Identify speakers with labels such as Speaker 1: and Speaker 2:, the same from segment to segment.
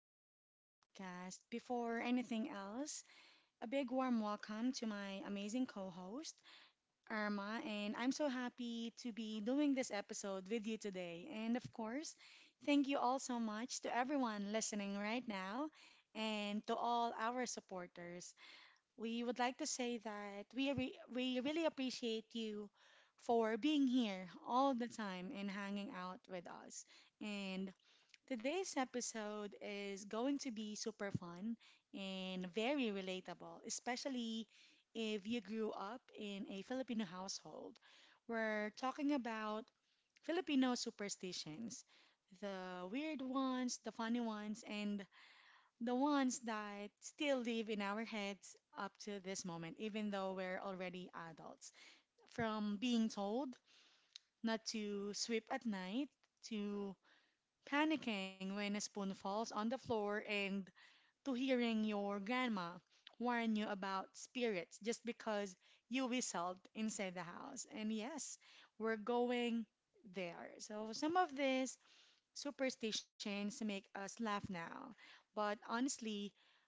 Speaker 1: back to the podcast. Before anything else, a big warm welcome to my amazing co host, Irma, and I'm so happy to be doing this episode with you today. And of course, thank you all so much to everyone listening right now and to all our supporters. We would like to say that we really appreciate you for being here all the time and hanging out with us. And today's episode is going to be super fun and very relatable, especially if you grew up in a Filipino household. We're talking about Filipino superstitions, the weird ones, the funny ones, and the ones that still live in our heads up to this moment, even though we're already adults. From being told not to sweep at night, to panicking when a spoon falls on the floor, and to hearing your grandma warn you about spirits just because you whistled inside the house. And yes, we're going there. So some of these superstitions make us laugh now, but honestly,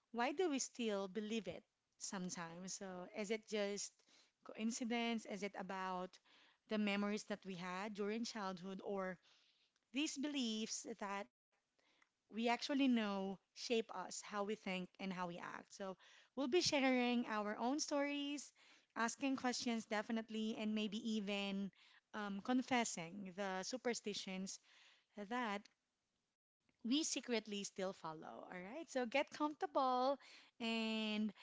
Speaker 1: why do we still believe it sometimes? So is it just coincidence? Is it about the memories that we had during childhood, or these beliefs that we actually know shape us, how we think and how we act? So we'll be sharing our own stories, asking questions definitely, and maybe even confessing the superstitions that we secretly still follow. All right, so get comfortable and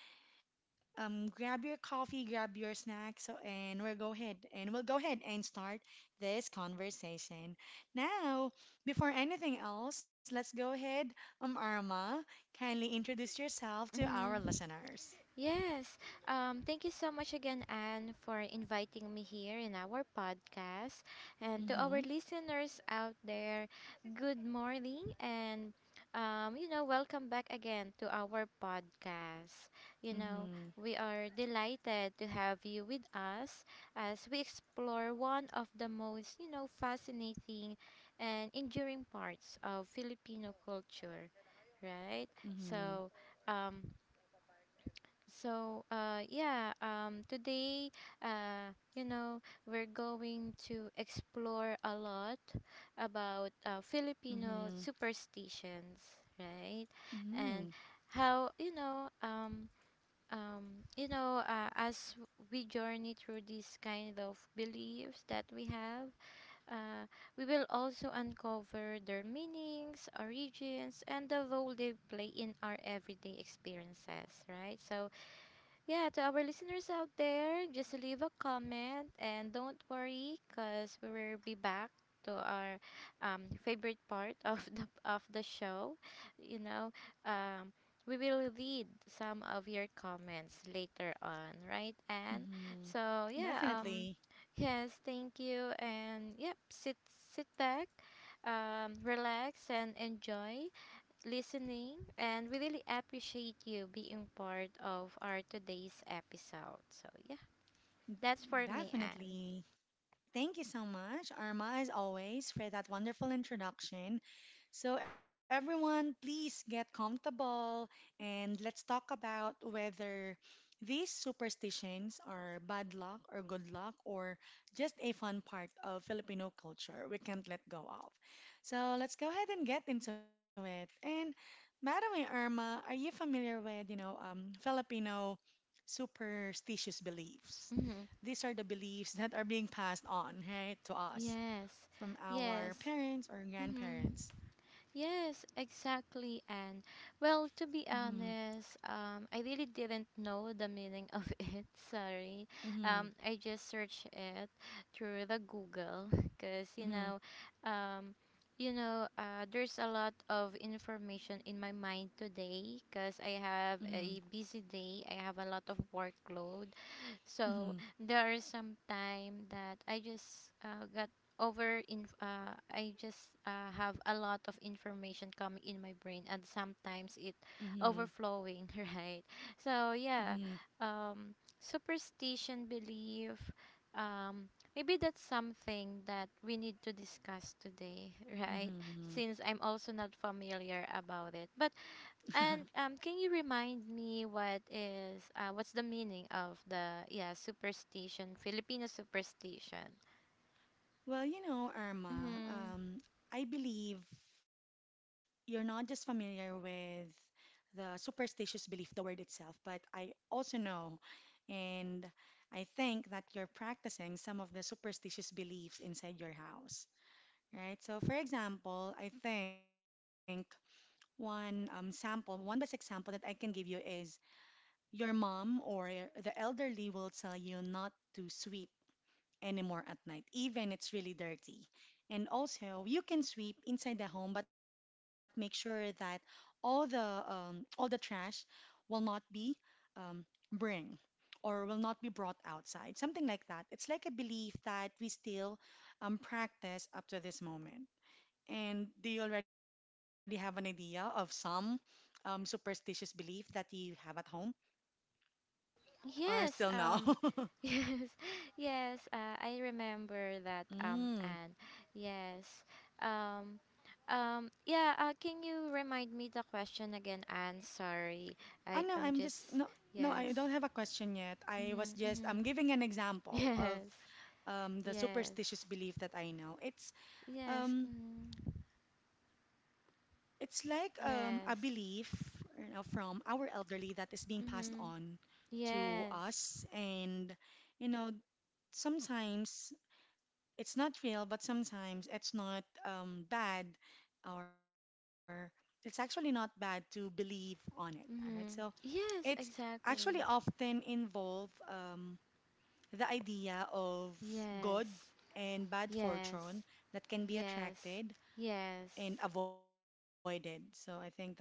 Speaker 1: grab your coffee, grab your snacks, and we'll go ahead and start this conversation. Now, before anything else, let's go ahead, Arma, kindly introduce yourself to our
Speaker 2: Mm-hmm.
Speaker 1: listeners.
Speaker 2: Yes. Thank you so much again, Anne, for inviting me here in our podcast. And to
Speaker 1: Mm-hmm.
Speaker 2: our listeners out there, good morning and welcome back again to our podcast. You know,
Speaker 1: Mm-hmm.
Speaker 2: we are delighted to have you with us as we explore one of the most, fascinating and enduring parts of Filipino culture, right?
Speaker 1: Mm-hmm.
Speaker 2: So, um, Today, uh, you know, we're going to explore a lot about Filipino
Speaker 1: Mm-hmm.
Speaker 2: superstitions, right?
Speaker 1: Mm-hmm.
Speaker 2: And how, you know, as we journey through these kind of beliefs that we have, uh, we will also uncover their meanings, origins, and the role they play in our everyday experiences, right? So, yeah, to our listeners out there, just leave a comment and don't worry because we will be back to our favorite part of the show. You know, um, we will read some of your comments later on, right? And
Speaker 1: Mm-hmm.
Speaker 2: so yeah, um,
Speaker 1: Definitely.
Speaker 2: yes, thank you, and yep, sit back, relax and enjoy listening, and we really appreciate you being part of our today's episode. So, yeah, that's for me, Anne.
Speaker 1: Definitely. Thank you so much, Arma, as always, for that wonderful introduction. So, everyone, please get comfortable and let's talk about whether these superstitions are bad luck or good luck, or just a fun part of Filipino culture we can't let go of. So, let's go ahead and get into it. And, Madam Irma, are you familiar with, Filipino superstitious beliefs?
Speaker 2: hmm
Speaker 1: These are the beliefs that are being passed on, right, to us
Speaker 2: Yes,
Speaker 1: from our
Speaker 2: yes.
Speaker 1: parents or
Speaker 2: hmm
Speaker 1: grandparents.
Speaker 2: Yes, exactly. And well, to be
Speaker 1: Mm-hmm,
Speaker 2: honest, I really didn't know the meaning of it. Sorry.
Speaker 1: mm-hmm,
Speaker 2: I just searched it through the Google because
Speaker 1: mm-hmm,
Speaker 2: um, there's a lot of information in my mind today because I have
Speaker 1: mm-hmm,
Speaker 2: a busy day. I have a lot of workload, so there are some time that I just got over in I just have a lot of information coming in my brain and sometimes it
Speaker 1: mm-hmm,
Speaker 2: overflowing, right? So yeah,
Speaker 1: mm-hmm,
Speaker 2: um, Superstition belief um, maybe that's something that we need to discuss today,
Speaker 1: mm-hmm,
Speaker 2: right?
Speaker 1: mm-hmm.
Speaker 2: Since I'm also not familiar about it. But and can you remind me what is what's the meaning of the yeah superstition Filipino superstition?
Speaker 1: Well, you know, Irma,
Speaker 2: Mm-hmm.
Speaker 1: I believe you're not just familiar with the superstitious belief, the word itself, but I also know, and I think that you're practicing some of the superstitious beliefs inside your house. Right? So, for example, I think one best example that I can give you is your mom or the elderly will tell you not to sweep anymore at night, even it's really dirty. And also, you can sweep inside the home, but make sure that all the trash will not be um, bring brought outside, something like that. It's like a belief that we still practice up to this moment. And do you already have an idea of some superstitious belief that you have at home, or
Speaker 2: Yes.
Speaker 1: still no?
Speaker 2: Um. Yes. Yes. I remember that.
Speaker 1: Mm.
Speaker 2: And yes. Um. Yeah. Can you remind me the question again? Anne, sorry.
Speaker 1: Oh no,
Speaker 2: I.
Speaker 1: I'm
Speaker 2: I'm
Speaker 1: just, no,
Speaker 2: just.
Speaker 1: no, I don't
Speaker 2: Yes.
Speaker 1: have a question yet. I was
Speaker 2: Mm-hmm,
Speaker 1: just
Speaker 2: mm-hmm.
Speaker 1: I'm giving an example of
Speaker 2: Yes.
Speaker 1: the
Speaker 2: Yes.
Speaker 1: superstitious belief that I know.
Speaker 2: Yes.
Speaker 1: Um,
Speaker 2: Mm.
Speaker 1: it's like a
Speaker 2: Yes.
Speaker 1: belief, from our elderly that is being passed
Speaker 2: Mm-hmm.
Speaker 1: on to
Speaker 2: Yes.
Speaker 1: us, and you know, sometimes it's not real, but sometimes it's not bad, or it's actually not bad to believe on it. All right. So
Speaker 2: Mm-hmm.
Speaker 1: it's
Speaker 2: Yes,
Speaker 1: actually
Speaker 2: exactly.
Speaker 1: often involve the idea of good
Speaker 2: Yes.
Speaker 1: and bad
Speaker 2: Yes.
Speaker 1: fortune that can be
Speaker 2: Yes.
Speaker 1: attracted
Speaker 2: Yes.
Speaker 1: and avoided. So I think that's it for me.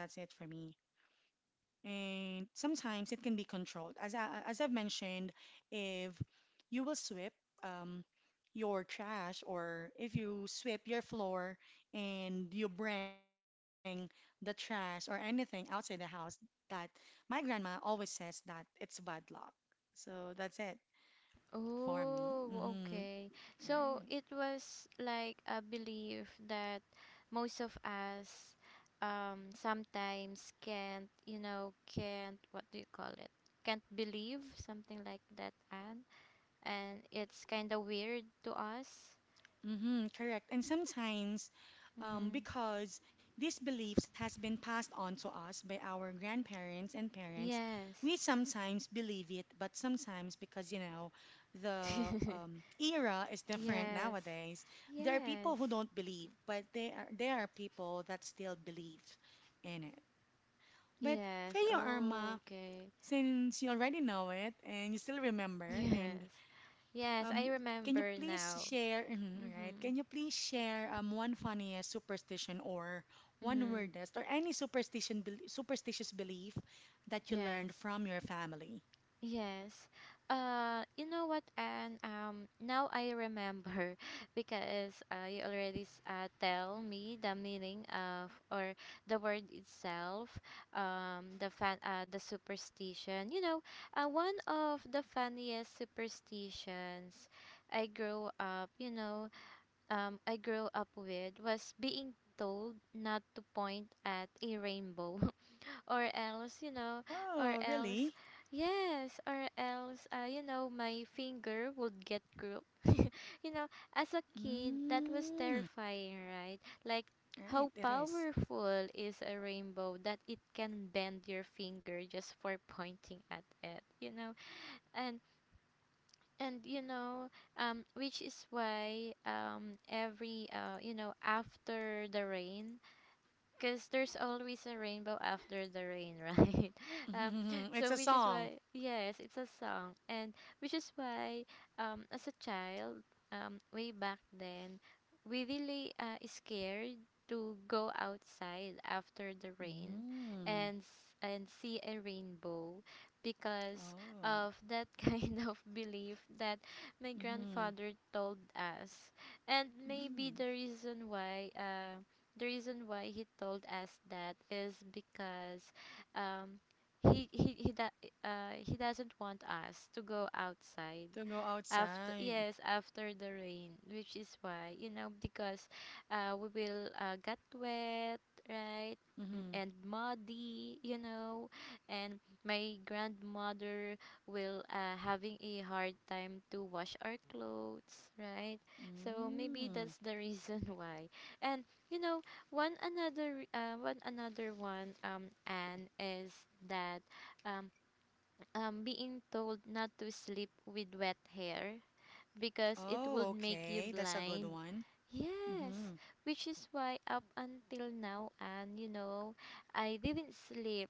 Speaker 1: And sometimes it can be controlled. As I've mentioned, if you will sweep um, your trash, or if you sweep your floor and you bring the trash or anything outside the house, that my grandma always says that it's bad luck. So that's it for me.
Speaker 2: Oh,
Speaker 1: Hmm.
Speaker 2: okay. So
Speaker 1: Right.
Speaker 2: it was like a belief that most of us sometimes can't, can't what do you call it? Can't believe something like that and it's kind of weird to us.
Speaker 1: Mm-hmm, correct. And sometimes,
Speaker 2: Mm-hmm.
Speaker 1: because these beliefs has been passed on to us by our grandparents and parents,
Speaker 2: Yes.
Speaker 1: we sometimes believe it, but sometimes because the era is different
Speaker 2: Yes.
Speaker 1: nowadays, there are
Speaker 2: Yes.
Speaker 1: people who don't believe, but they are there are people that still believe in it. But for
Speaker 2: Yes.
Speaker 1: you,
Speaker 2: Oh,
Speaker 1: Irma,
Speaker 2: okay.
Speaker 1: since you already know it and you still remember, and
Speaker 2: Yes. Yes, I
Speaker 1: um, can you
Speaker 2: remember
Speaker 1: please
Speaker 2: now.
Speaker 1: share, mhm, right?
Speaker 2: Mhm.
Speaker 1: Can you please share one funniest superstition, or one
Speaker 2: Mhm.
Speaker 1: weirdest, or any superstition bel superstitious belief that you learned
Speaker 2: Yes.
Speaker 1: from your family?
Speaker 2: Yes. You know what, and now I remember because tell me the meaning of or the word itself, the superstition. You know, one of the funniest superstitions I grew up, I grew up with was being told not to point at a rainbow. or else you know or
Speaker 1: Oh,
Speaker 2: else
Speaker 1: really?
Speaker 2: yes or else you know my finger would get group you know as a kid that was
Speaker 1: Mm,
Speaker 2: terrifying right like how
Speaker 1: right, it is.
Speaker 2: powerful is a rainbow that it can bend your finger just for pointing at it you know and and which is why every you know after the rain because there's always a rainbow after the rain right um
Speaker 1: It's
Speaker 2: so
Speaker 1: a
Speaker 2: which is
Speaker 1: song.
Speaker 2: why yes it's a song and which is why as a child way back then we really is scared to go outside after the rain
Speaker 1: Mm,
Speaker 2: and and see a rainbow because
Speaker 1: oh,
Speaker 2: of that kind of belief that my
Speaker 1: mm,
Speaker 2: grandfather told us and maybe
Speaker 1: mm.
Speaker 2: the reason why he told us that is because um, he doesn't want us to go outside
Speaker 1: To go
Speaker 2: after
Speaker 1: outside.
Speaker 2: yes after the rain which is why you know because we will get wet right
Speaker 1: Mm-hmm.
Speaker 2: And muddy you know and my grandmother will having a hard time to wash our clothes right so maybe
Speaker 1: Mm.
Speaker 2: that's the reason why and you know one another one and is that um being told not to sleep with wet hair because it
Speaker 1: Oh,
Speaker 2: would make you
Speaker 1: okay. That's a good
Speaker 2: blind.
Speaker 1: one.
Speaker 2: Yes,
Speaker 1: Mm-hmm.
Speaker 2: which is why up until now, and you know, I didn't sleep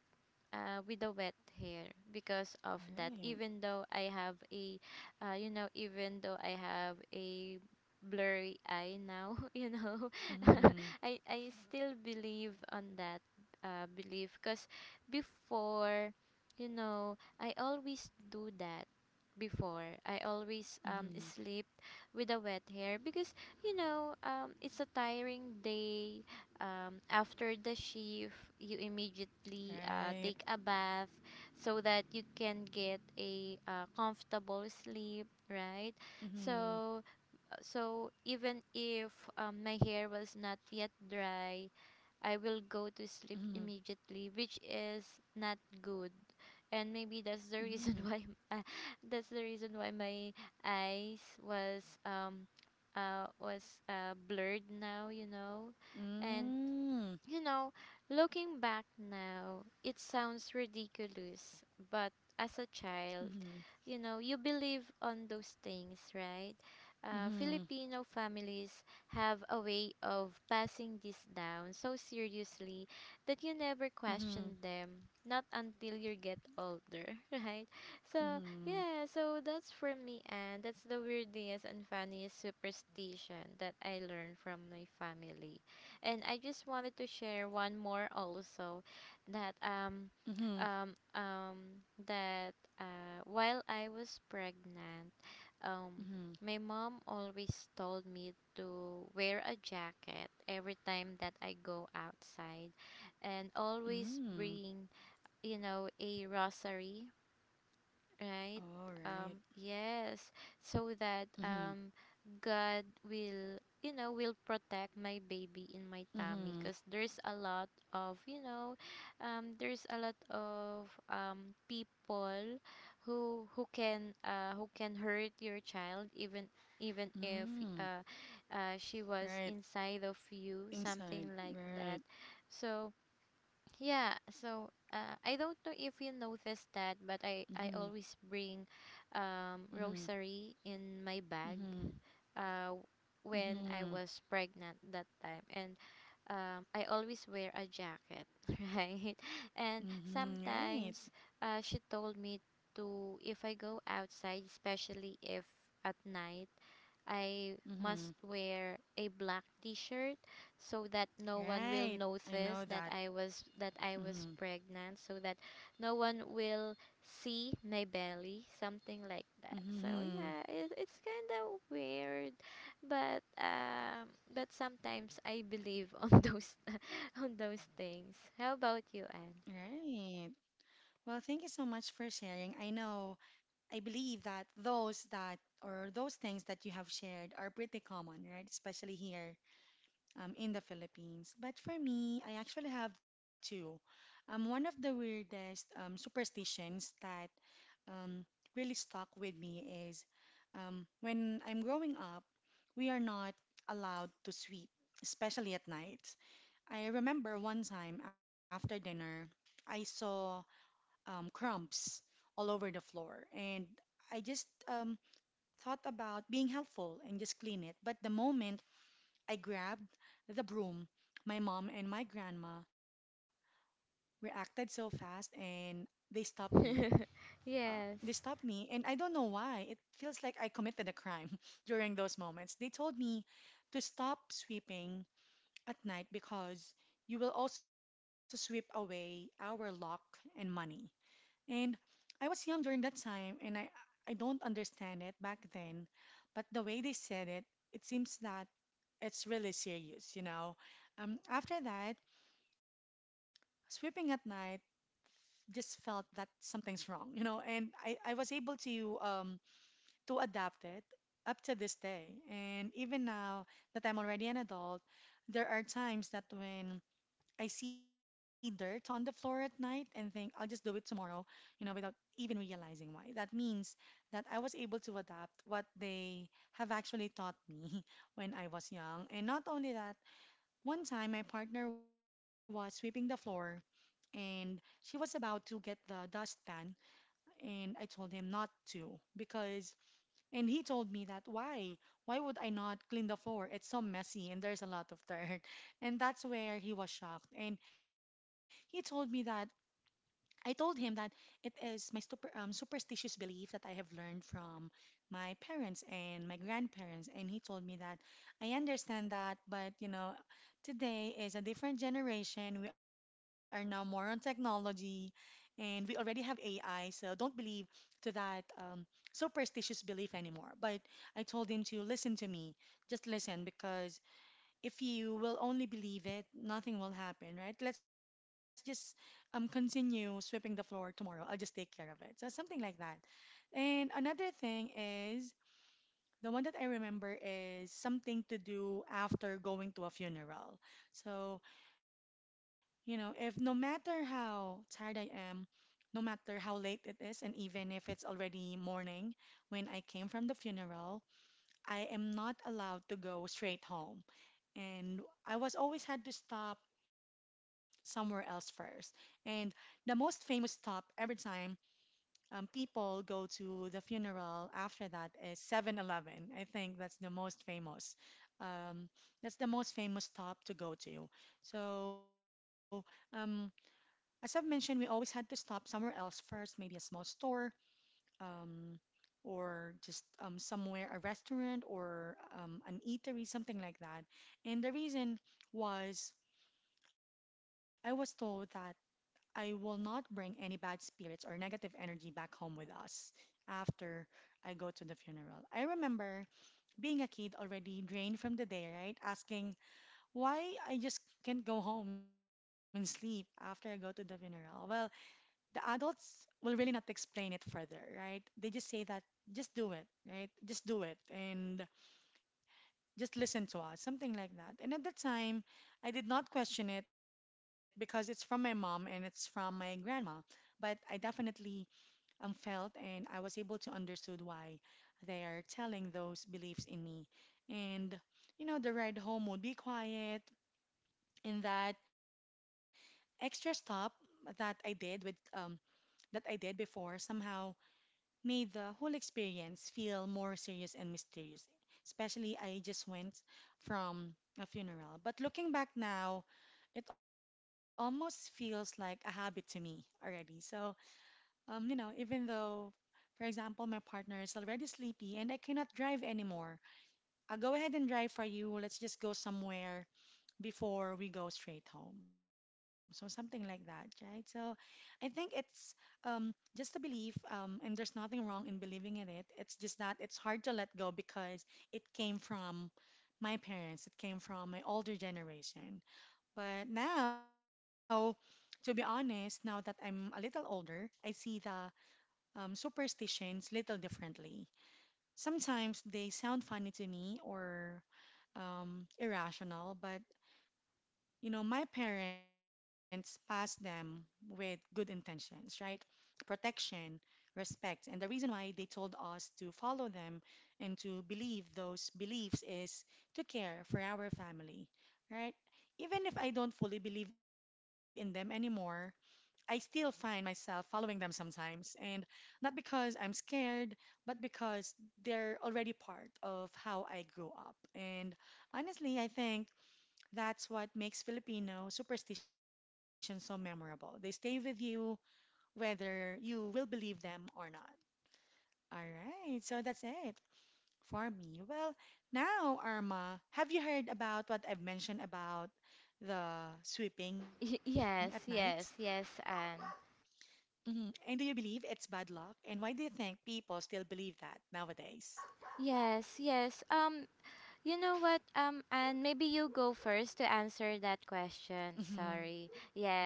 Speaker 2: with the wet hair because of that.
Speaker 1: Right.
Speaker 2: Even though I have a, even though I have a blurry eye now, you know,
Speaker 1: Mm-hmm.
Speaker 2: I still believe on that belief because before, you know, I always do that before I always
Speaker 1: Mm-hmm.
Speaker 2: sleep with a wet hair because you know it's a tiring day after the shift you immediately
Speaker 1: Right.
Speaker 2: take a bath so that you can get a comfortable sleep right
Speaker 1: Mm-hmm.
Speaker 2: so so even if my hair was not yet dry I will go to
Speaker 1: Mm-hmm.
Speaker 2: sleep immediately which is not good and maybe that's the reason why uh, that's the reason why my eyes was blurred now you know and
Speaker 1: Mm-hmm.
Speaker 2: you know, looking back now, it sounds ridiculous, but as a child,
Speaker 1: Mm-hmm.
Speaker 2: you know, you believe on those things, right?
Speaker 1: Mm-hmm.
Speaker 2: Filipino families have a way of passing this down so seriously that you never
Speaker 1: Mm-hmm. Mm-hmm.
Speaker 2: question them, not until you get older, right? So,
Speaker 1: Mm-hmm.
Speaker 2: yeah, so that's for me, and that's the weirdest and funniest superstition that I learned from my family and I just wanted to share one more also that
Speaker 1: Mm-hmm.
Speaker 2: that while I was pregnant um
Speaker 1: Mm-hmm.
Speaker 2: my mom always told me to wear a jacket every time that I go outside and
Speaker 1: Mm-hmm.
Speaker 2: always bring you know a rosary right?
Speaker 1: right.
Speaker 2: Yes, so that
Speaker 1: Mm-hmm.
Speaker 2: God will, you know, will protect my baby in my tummy
Speaker 1: Mm-hmm.
Speaker 2: because there's a lot of, you know, there's a lot of people who can hurt your child even even if
Speaker 1: Mm-hmm.
Speaker 2: uh, she was
Speaker 1: Right.
Speaker 2: inside of you, something
Speaker 1: Inside.
Speaker 2: like that.
Speaker 1: Right.
Speaker 2: So yeah, so I don't know if you noticed that, but I
Speaker 1: Mm-hmm.
Speaker 2: always bring
Speaker 1: Mm-hmm.
Speaker 2: rosary in my bag
Speaker 1: Mm-hmm.
Speaker 2: uh, when I
Speaker 1: Mm-hmm.
Speaker 2: was pregnant that time. And I always wear a jacket, right? And
Speaker 1: Mm-hmm. Right.
Speaker 2: sometimes she told me to, if I go outside, especially if at night, I
Speaker 1: Mm-hmm.
Speaker 2: must wear a black t-shirt so that no one will
Speaker 1: Right. I know
Speaker 2: notice
Speaker 1: that.
Speaker 2: that
Speaker 1: Mm-hmm.
Speaker 2: I was pregnant so that no one will see my belly something like that. So
Speaker 1: Mm-hmm.
Speaker 2: yeah, it's kind of weird but um but sometimes I believe on those on those things. How about you,
Speaker 1: Right. Well, thank you so much for sharing. I know, I believe that those things that you have shared are pretty common, right? Especially here in the Philippines. But for me, I actually have two. One of the weirdest superstitions that um, really stuck with me is when I'm growing up, we are not allowed to sweep, especially at night. I remember one time after dinner, I saw crumbs all over the floor, and I just thought about being helpful and just clean it. But the moment I grabbed the broom, my mom and my grandma reacted so fast and they stopped me.
Speaker 2: Anne? Yes.
Speaker 1: They stopped me, and I don't know why. It feels like I committed a crime during those moments. They told me to stop sweeping at night because you will also sweep away our luck and money. And I was young during that time, and I don't understand it back then, but the way they said it, it seems that it's really serious. After that, sweeping at night just felt that something's wrong, and I was able to adapt it up to this day. And even now that I'm already an adult, there are times that when I see dirt on the floor at night and think I'll just do it tomorrow, without even realizing why. That means that I was able to adapt what they have actually taught me when I was young. And not only that, one time my partner was sweeping the floor and she was about to get the dustpan, and I told him not to because and he told me that, why? Why would I not clean the floor? It's so messy and there's a lot of dirt. And that's where he was shocked. And he told me that, I told him that it is my superstitious belief that I have learned from my parents and my grandparents. And he told me that, I understand that, but today is a different generation. We are now more on technology and we already have AI. So don't believe to that superstitious belief anymore. But I told him to listen to me, just listen, because if you will only believe it, nothing will happen, right? Let's just continue sweeping the floor tomorrow. I'll just take care of it. So something like that. And another thing is the one that I remember is something to do after going to a funeral. So, if no matter how tired I am, no matter how late it is, and even if it's already morning when I came from the funeral, I am not allowed to go straight home, and I was always had to stop somewhere else first. And the most famous stop every time people go to the funeral after that, 7-Eleven. I think that's the most famous. Um, that's the most famous stop to go to. So, um, as I've mentioned, we always had to stop somewhere else first, maybe a small store um, or just somewhere, a restaurant, or an eatery, something like that. And the reason was, I was told that I will not bring any bad spirits or negative energy back home with us after I go to the funeral. I remember being a kid already drained from the day, right? Asking why I just can't go home and sleep after I go to the funeral. Well, the adults will really not explain it further, right? They just say that, just do it, right? Just do it and just listen to us, something like that. And at the time, I did not question it because it's from my mom and it's from my grandma. But I definitely felt and I was able to understood why they are telling those beliefs in me. And, you know, the ride home would be quiet in that extra stop that I did with that I did before somehow made the whole experience feel more serious and mysterious. Especially, I just went from a funeral. But looking back now, it almost feels like a habit to me already. So, even though, for example, my partner is already sleepy and I cannot drive anymore, I'll go ahead and drive for you. Let's just go somewhere before we go straight home. So something like that, right? So I think it's um, just a belief, and there's nothing wrong in believing in it. It's just that it's hard to let go because it came from my parents, it came from my older generation. But now, to be honest, now that I'm a little older, I see the superstitions little differently. Sometimes they sound funny to me or irrational, but you know, my parents passed them with good intentions, right? Protection, respect. And the reason why they told us to follow them and to believe those beliefs is to care for our family, right? Even if I don't fully believe in them anymore, I still find myself following them sometimes. And not because I'm scared, but because they're already part of how I grew up. And honestly, I think that's what makes Filipino superstition so memorable. They stay with you whether you will believe them or not. All right, so that's it for me. Well, now, Arma, have you heard about what I've mentioned about the sweeping at
Speaker 2: Y-
Speaker 1: nights?
Speaker 2: yes, yes, yes, Anne.
Speaker 1: And do you believe it's bad luck? And why do you think people still believe that nowadays?
Speaker 2: Yes, yes. You know what, and maybe you go first to answer that question.
Speaker 1: hmm
Speaker 2: Sorry.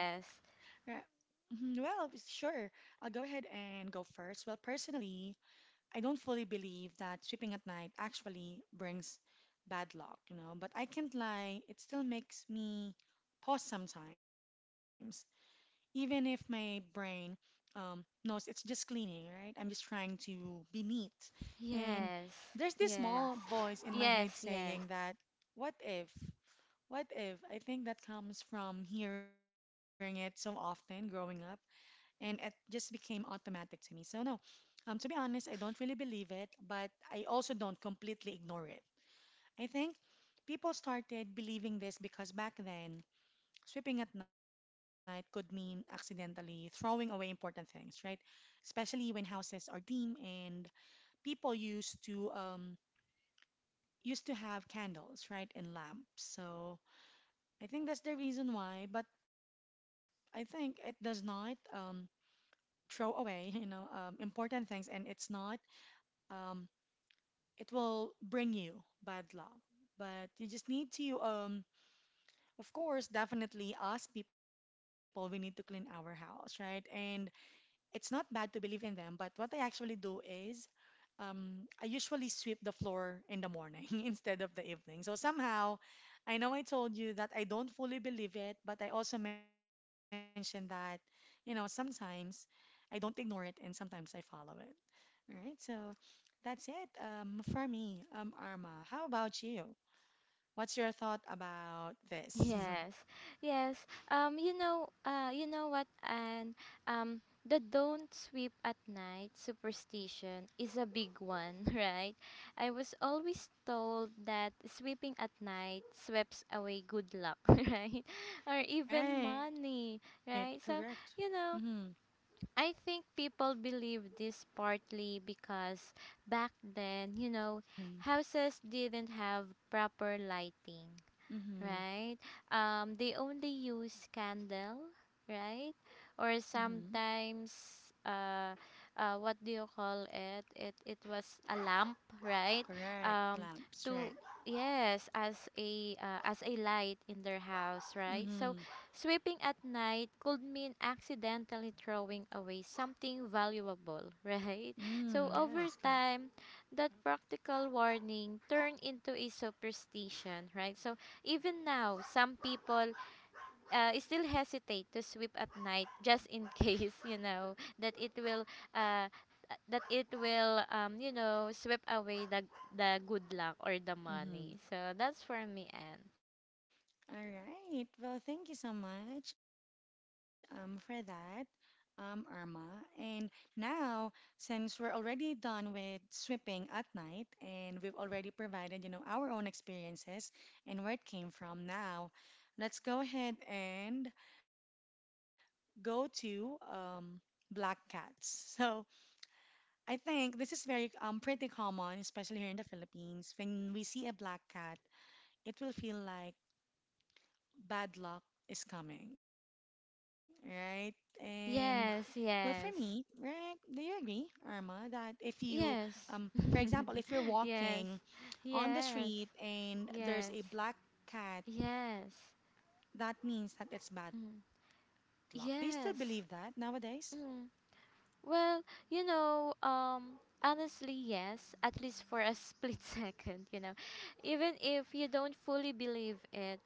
Speaker 1: Right. Mhm. Well, sure. I'll go ahead and go first. Well, personally, I don't fully believe that sleeping at night actually brings bad luck, you know, but I can't lie, it still makes me pause sometimes, even if my brain um, knows it's just cleaning, right? I'm just trying to be neat. And
Speaker 2: Yes.
Speaker 1: there's this
Speaker 2: Yes.
Speaker 1: small voice in my head
Speaker 2: Yes, yes.
Speaker 1: saying that, what if? What if? I think that comes from hearing it so often growing up and it just became automatic to me. So no, to be honest, I don't really believe it, but I also don't completely ignore it. I think people started believing this because back then, sweeping at night could mean accidentally throwing away important things, right? Especially when houses are dim and people used to have candles, right, and lamps. So I think that's the reason why, but I think it does not. Throw away, important things, and it's not, um, it will bring you bad luck. But you just need to, of course, definitely us people, we need to clean our house, right? And it's not bad to believe in them, but what I actually do is, I usually sweep the floor in the morning instead of the evening. So somehow, I know I told you that I don't fully believe it, but I also mentioned that, you know, sometimes I don't ignore it and sometimes I follow it. All right, so that's it for me, Arma. How about you? What's your thought about this?
Speaker 2: Yes. Yes. You know what, and the don't sweep at night superstition is a big one, right? I was always told that sweeping at night sweeps away good luck, right? Or even
Speaker 1: Right,
Speaker 2: money,
Speaker 1: correct.
Speaker 2: right? So,
Speaker 1: Mm-hmm,
Speaker 2: you know, I think people believe this partly because back then, you know,
Speaker 1: mm-hmm,
Speaker 2: houses didn't have proper lighting
Speaker 1: mm-hmm,
Speaker 2: right? They only use candle, right?
Speaker 1: mm-hmm.
Speaker 2: Or sometimes, uh, what do you call it? It was a lamp, right?
Speaker 1: Correct,
Speaker 2: Um,
Speaker 1: lamps,
Speaker 2: to
Speaker 1: right.
Speaker 2: yes, as a light in their house, right? So,
Speaker 1: Mm-hmm,
Speaker 2: sweeping at night could mean accidentally throwing away something valuable, right?
Speaker 1: mm,
Speaker 2: So
Speaker 1: yes,
Speaker 2: over
Speaker 1: correct.
Speaker 2: time, that practical warning turned into a superstition, right? So even now, some people still hesitate to sweep at night just in case, you know, uh, that it will you know, sweep away the good luck or the
Speaker 1: Mm-hmm.
Speaker 2: money. So that's for me, Anne.
Speaker 1: All right. Well, thank you so much for that, Irma. And now, since we're already done with sweeping at night and we've already provided, you know, our own experiences and where it came from, now let's go ahead and go to black cats. So I think this is very pretty common, especially here in the Philippines. When we see a black cat, it will feel like bad luck is coming, right? And well, for
Speaker 2: Yes,
Speaker 1: me,
Speaker 2: yes.
Speaker 1: right? Do you agree, Irma, that if you,
Speaker 2: Yes.
Speaker 1: for example, if you're
Speaker 2: Yes.
Speaker 1: walking on the
Speaker 2: Yes.
Speaker 1: street and there's
Speaker 2: Yes.
Speaker 1: a black cat,
Speaker 2: Yes.
Speaker 1: that means that it's bad luck.
Speaker 2: Mm.
Speaker 1: Do you still believe that nowadays?
Speaker 2: Yes. Mm. Well, honestly, yes, at least for a split second, you know. Even if you don't fully believe it,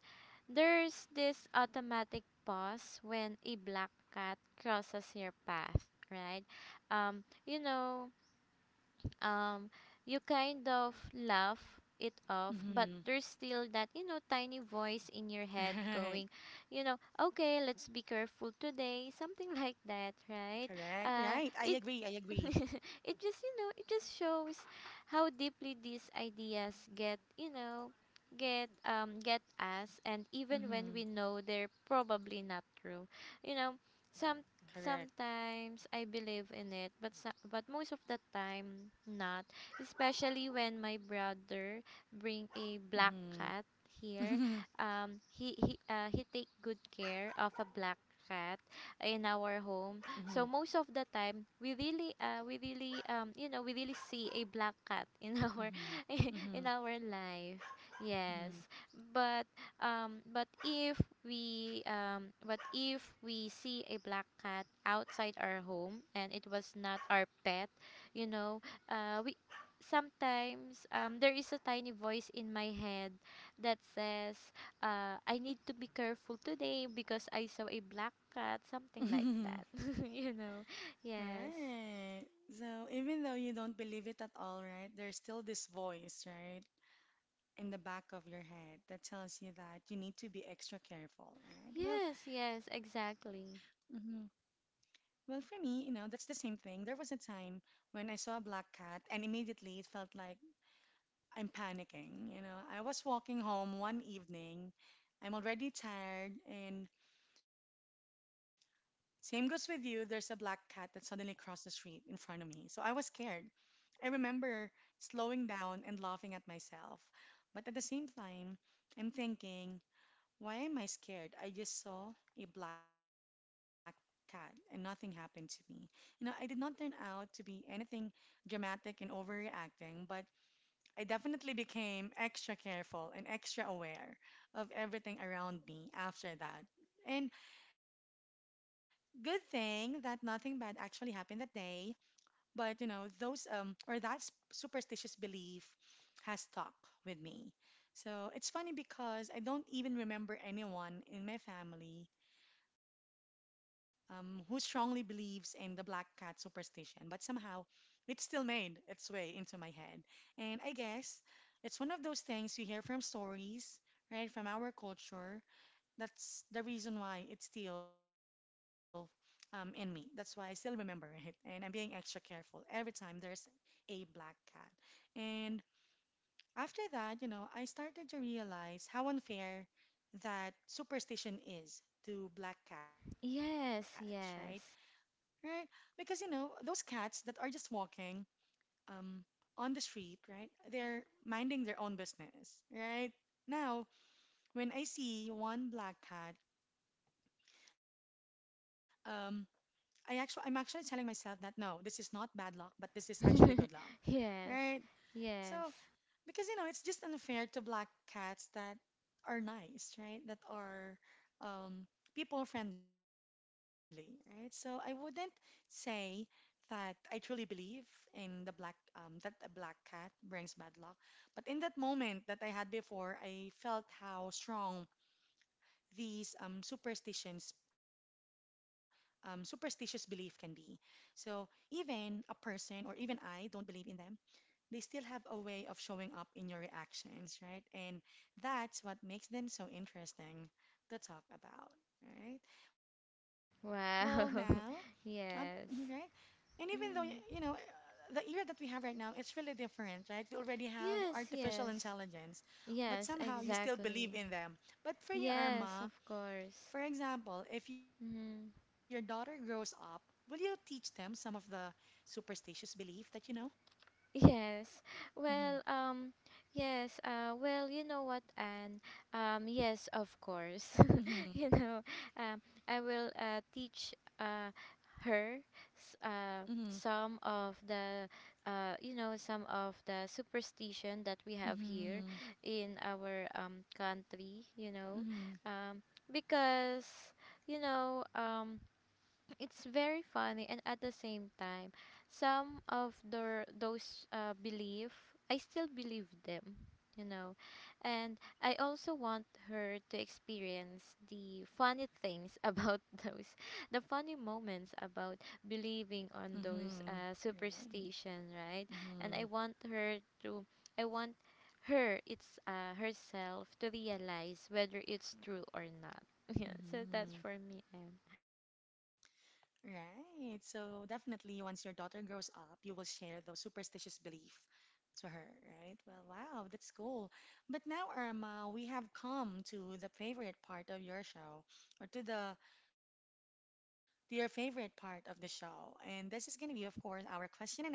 Speaker 2: there's this automatic pause when a black cat crosses your path, right? Um, you know, um you kind of laugh it off but
Speaker 1: Mm-hmm.
Speaker 2: there's still that you know tiny voice in your head
Speaker 1: Right.
Speaker 2: going you know okay let's be careful today something like that
Speaker 1: Correct.
Speaker 2: right
Speaker 1: Right. I agree. I
Speaker 2: it
Speaker 1: agree.
Speaker 2: it just you know it just shows how deeply these ideas get you know get us and even when
Speaker 1: Mm-hmm.
Speaker 2: we know they're probably not true you know.
Speaker 1: Correct.
Speaker 2: Sometimes I believe in it, but but most of the time not, especially when my brother bring a black
Speaker 1: Mm-hmm.
Speaker 2: cat here. He take good care of a black cat in
Speaker 1: Mm-hmm.
Speaker 2: our home. So most of the time we really you know, we really see a black cat in our in
Speaker 1: Mm-hmm.
Speaker 2: our life. Yes.
Speaker 1: Mm-hmm.
Speaker 2: But but if we see a black cat outside our home and it was not our pet, you know, we sometimes there is a tiny voice in my head that says, I need to be careful today because I saw a black cat, something like
Speaker 1: Mm-hmm.
Speaker 2: that. you know, yes,
Speaker 1: Right. So even though you don't believe it at all, right, there's still this voice, right, in the back of your head that tells you that you need to be extra careful, right? Well,
Speaker 2: yes, yes,
Speaker 1: hmm
Speaker 2: exactly.
Speaker 1: well, for me, you know, that's the same thing. There was a time when I saw a black cat, and immediately it felt like I'm panicking. You know, I was walking home one evening, I'm already tired, and same goes with you. There's a black cat that suddenly crossed the street in front of me, so I was scared. I remember slowing down and laughing at myself. But at the same time, I'm thinking, why am I scared? I just saw a black cat and nothing happened to me. You know, I did not turn out to be anything dramatic and overreacting, but I definitely became extra careful and extra aware of everything around me after that. And good thing that nothing bad actually happened that day but you know, those or that s- superstitious belief has stuck with me. So it's funny because I don't even remember anyone in my family who strongly believes in the black cat superstition, but somehow it still made its way into my head. And I guess it's one of those things you hear from stories, right, from our culture, that's the reason why it's still in me. That's why I still remember it. And I'm being extra careful every time there's a black cat. And after that, you know, I started to realize how unfair that superstition is to black cats, right?
Speaker 2: Yes,
Speaker 1: Right?
Speaker 2: yes,
Speaker 1: Because, you know, those cats that are just walking um, on the street, right? They're minding their own business, right? Now, when I see one black cat, um, I'm actually telling myself that no, this is not bad luck, but this is actually good luck, right?
Speaker 2: yes,
Speaker 1: So
Speaker 2: yes.
Speaker 1: because you know it's just unfair to black cats that are nice, right? That are um, people friendly, right? So I wouldn't say that I truly believe in the black that a black cat brings bad luck, but in that moment that I had before, I felt how strong these superstitions superstitious belief can be. So even a person or even I don't believe in them, they still have a way of showing up in your reactions, right? And that's what makes them so interesting to talk about, right? Well, now,
Speaker 2: Wow.
Speaker 1: mhm, right?
Speaker 2: Yes.
Speaker 1: And even though, you know,
Speaker 2: Mm.
Speaker 1: the era that we have right now, it's really different, right? We already have
Speaker 2: Yes,
Speaker 1: artificial
Speaker 2: yes.
Speaker 1: intelligence, but
Speaker 2: Yes,
Speaker 1: somehow you still believe
Speaker 2: exactly.
Speaker 1: in them. But for your
Speaker 2: Yes,
Speaker 1: Irma,
Speaker 2: of course.
Speaker 1: for example, if your daughter
Speaker 2: Mm-hmm.
Speaker 1: grows up, will you teach them some of the superstitious belief that you know?
Speaker 2: Yes.
Speaker 1: Mm-hmm.
Speaker 2: Well, yes, well, you know what, Anne? Yes, of course.
Speaker 1: Mm-hmm.
Speaker 2: You know, um, I will teach her
Speaker 1: Mm-hmm.
Speaker 2: some of the some of the superstition that we have here
Speaker 1: Mm-hmm.
Speaker 2: in our country, you know.
Speaker 1: Mm-hmm.
Speaker 2: Because you know, um it's very funny and at the same time, some of the those belief I still believe them, you know. And I also want her to experience the funny things about those the funny moments about believing on those
Speaker 1: Mm-hmm. Right.
Speaker 2: superstition, right? And I
Speaker 1: Mm-hmm.
Speaker 2: want her to I want her it's herself to realize whether it's true or not. Yeah, so that's
Speaker 1: Mm-hmm.
Speaker 2: for me.
Speaker 1: Right. So definitely once your daughter grows up, you will share those superstitious belief to her, right? Well, wow, that's cool. But now, Irma, we have come to the favorite part of your show, or to the to your favorite part of the show. And this is going to be, of course, our question and answer.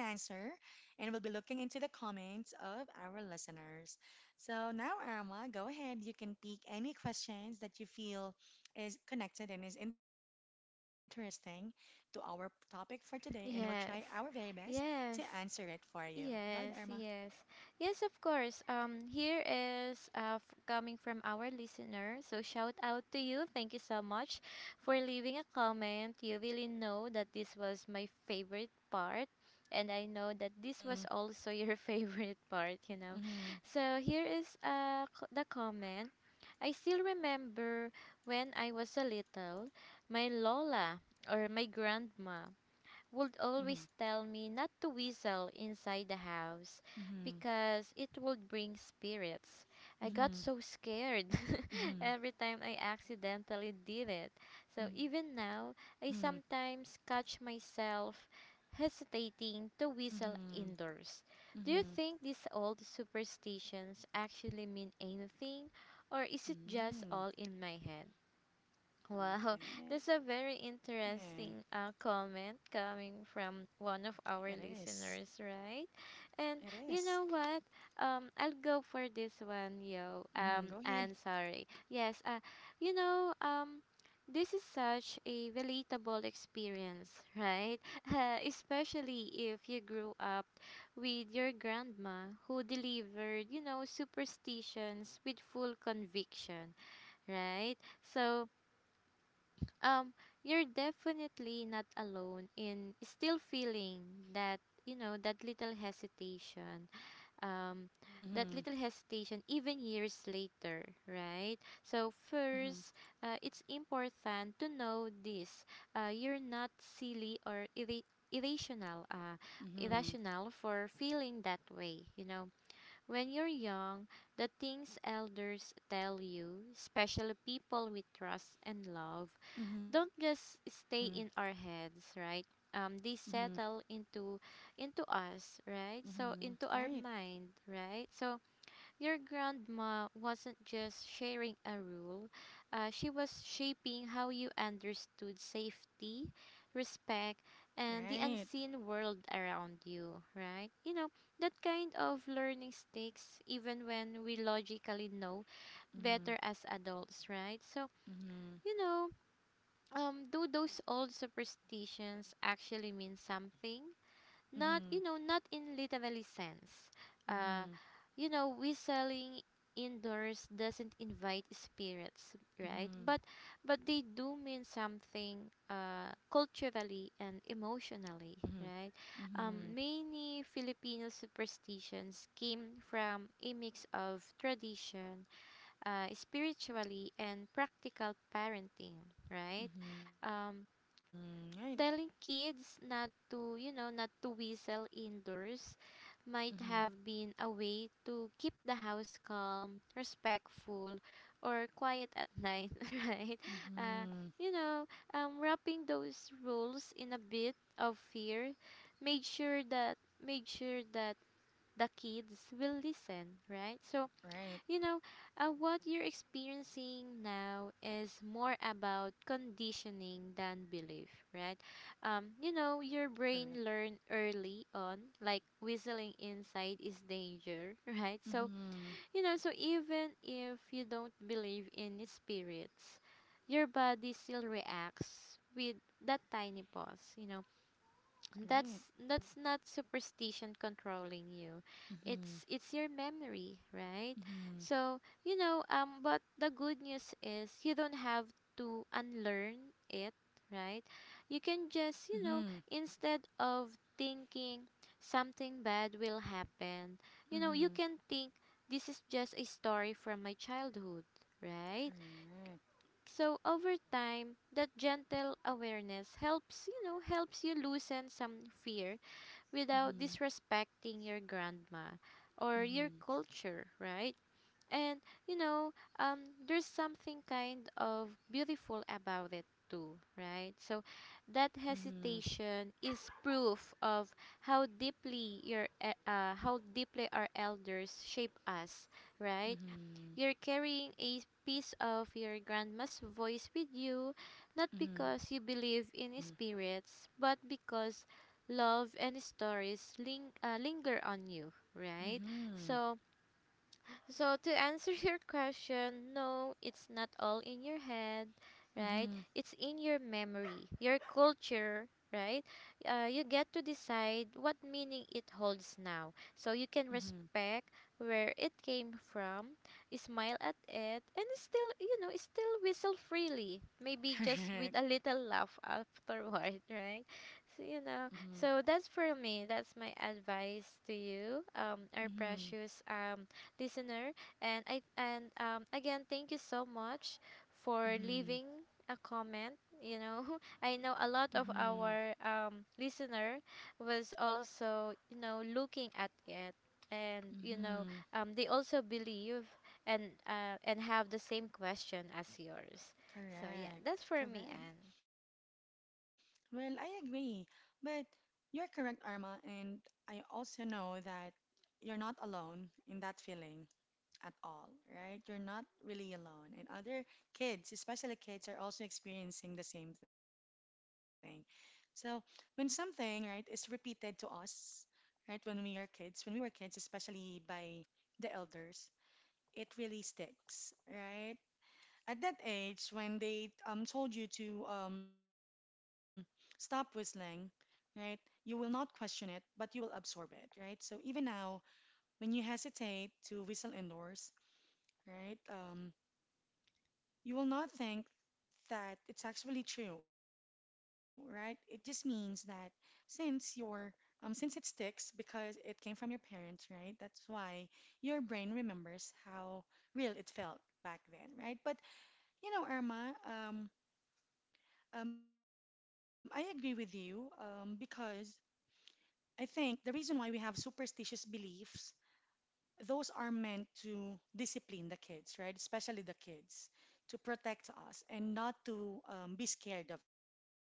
Speaker 1: And we'll be looking into the comments of our listeners. So now, Irma, go ahead. You can pick any questions that you feel is connected and is interesting to our topic for today. And we'll try our very
Speaker 2: Yes,
Speaker 1: best to answer it
Speaker 2: yes,
Speaker 1: for you. Go ahead, Irma.
Speaker 2: yes, yes, yes. Of course. Um, here is coming from our listener. So shout out to you. Thank you so much for leaving a comment. You really know that this was my favorite part, and I know that this
Speaker 1: Mm-hmm,
Speaker 2: was also your favorite part. You know,
Speaker 1: mm-hmm,
Speaker 2: so here is uh c- the comment. I still remember when I was a little, my Lola or my grandma would always tell me not to whistle inside the house
Speaker 1: mm-hmm,
Speaker 2: because it would bring spirits. I got
Speaker 1: mm-hmm,
Speaker 2: so scared.
Speaker 1: mm-hmm,
Speaker 2: Every time I accidentally did it. So
Speaker 1: mm-hmm,
Speaker 2: even now, I sometimes catch myself hesitating to whistle
Speaker 1: mm-hmm,
Speaker 2: indoors. Do you
Speaker 1: mm-hmm,
Speaker 2: think these old superstitions actually mean anything, or is it just
Speaker 1: mm-hmm.
Speaker 2: all in my head? Wow,
Speaker 1: Okay.
Speaker 2: that's a very interesting comment coming
Speaker 1: It
Speaker 2: from one of
Speaker 1: is.
Speaker 2: our listeners, right?
Speaker 1: It
Speaker 2: And
Speaker 1: is.
Speaker 2: you know what? I'll go for this one, yo.
Speaker 1: Mm-hmm. Go ahead.
Speaker 2: And sorry. Yes, you know, um, this is such a relatable experience, right? Especially if you grew up with your grandma who delivered, you know, superstitions with full conviction, right? So, um you're definitely not alone in still feeling that you know um that
Speaker 1: Mm-hmm.
Speaker 2: little hesitation even years later, right? so
Speaker 1: Mm-hmm.
Speaker 2: first uh, it's important to know this. Uh, you're not silly or irra- irrational uh,
Speaker 1: Mm-hmm.
Speaker 2: irrational for feeling that way. You know, when you're young, the things elders tell you, especially people we trust and love,
Speaker 1: Mm-hmm.
Speaker 2: don't just stay in our heads, right?
Speaker 1: Mm-hmm.
Speaker 2: They settle into us, right? So
Speaker 1: Mm-hmm.
Speaker 2: into our
Speaker 1: Right.
Speaker 2: mind, right? So your grandma wasn't just sharing a rule; she was shaping how you understood safety, respect,
Speaker 1: Right.
Speaker 2: and the unseen world around you, right? You know that kind of learning sticks even when we logically know
Speaker 1: Mm-hmm.
Speaker 2: better as adults, right? So
Speaker 1: Mm-hmm.
Speaker 2: you know do those old superstitions actually mean something? Not
Speaker 1: Mm-hmm.
Speaker 2: you know, not in literally sense. uh
Speaker 1: Mm-hmm.
Speaker 2: you know, whistling indoors doesn't invite spirits, right? But they do mean something culturally and
Speaker 1: Mm-hmm.
Speaker 2: emotionally, right?
Speaker 1: Mm-hmm. Mm-hmm.
Speaker 2: Many Filipino superstitions came from a mix of tradition, spiritually and practical parenting, right?
Speaker 1: Mm-hmm. Right.
Speaker 2: Um, Telling kids not to, you know, not to whistle indoors might
Speaker 1: Mm-hmm.
Speaker 2: have been a way to keep the house calm, respectful, or quiet at night, right? Uh,
Speaker 1: Mm-hmm.
Speaker 2: you know, Wrapping those rules in a bit of fear made sure that the kids will listen, right? So
Speaker 1: Right.
Speaker 2: you know, what you're experiencing now is more about conditioning than belief, right? You
Speaker 1: Correct.
Speaker 2: know, your brain learned early on, like whistling inside is danger, right? So,
Speaker 1: Mm-hmm.
Speaker 2: you know, so even if you don't believe in spirits, your body still reacts with that tiny pause, you know,
Speaker 1: Right.
Speaker 2: that's not superstition controlling you,
Speaker 1: Mm-hmm.
Speaker 2: it's your memory, right?
Speaker 1: Mm-hmm.
Speaker 2: So you know but the good news is you don't have to unlearn it, right? You
Speaker 1: Mm-hmm.
Speaker 2: can just you know instead of thinking something bad will happen, you know you
Speaker 1: Mm-hmm.
Speaker 2: can think this is just a story from my childhood, right?
Speaker 1: Correct.
Speaker 2: So over time that gentle awareness helps, you know, helps you loosen some fear without
Speaker 1: Mm-hmm.
Speaker 2: disrespecting your grandma or your
Speaker 1: Mm-hmm.
Speaker 2: culture, right? And you know, there's something kind of beautiful about it too, right? So
Speaker 1: Mm-hmm.
Speaker 2: that hesitation is proof of how deeply our elders shape us, right?
Speaker 1: Mm-hmm.
Speaker 2: You're carrying a piece of your grandma's voice with you, not
Speaker 1: Mm-hmm.
Speaker 2: because you believe in spirits, but because love and stories linger on you, right?
Speaker 1: Mm-hmm.
Speaker 2: So, so to answer your question, no, it's not all in your head, right?
Speaker 1: Mm-hmm.
Speaker 2: It's in your memory, your culture, right? You get to decide what meaning it holds now. So you can
Speaker 1: Mm-hmm.
Speaker 2: respect where it came from, smile at it, and still, you know, still whistle freely. Maybe just with
Speaker 1: Correct.
Speaker 2: a little laugh afterward, right? So,
Speaker 1: Mm-hmm.
Speaker 2: you know, so that's for me. That's my advice to you, our
Speaker 1: Mm-hmm.
Speaker 2: precious listener. And I and again, thank you so much for
Speaker 1: Mm-hmm.
Speaker 2: leaving a comment. You know,
Speaker 1: Mm-hmm.
Speaker 2: I know a lot of our listener was also you know looking at it, and you know
Speaker 1: Mm-hmm.
Speaker 2: they also believe and have the same question as yours. So yeah,
Speaker 1: Correct.
Speaker 2: that's for me,
Speaker 1: Correct.
Speaker 2: Anne.
Speaker 1: Well, I agree. But you're correct, Arma, and I also know that you're not alone in that feeling at all, right? You're not really alone. And other kids, especially kids, are also experiencing the same thing. So when something, right, is repeated to us, right? When we are kids, when we were kids, especially by the elders, it really sticks, right? At that age, when they told you to stop whistling, right? You will not question it, but you will absorb it, right? So even now, when you hesitate to whistle indoors, right? You will not think that it's actually true, right? It just means that since your since it sticks because it came from your parents, right? That's why your brain remembers how real it felt back then, right? But you know, Irma, I agree with you because I think the reason why we have superstitious beliefs those are meant to discipline the kids, right? Especially the kids, to protect us and not to be scared of it, right?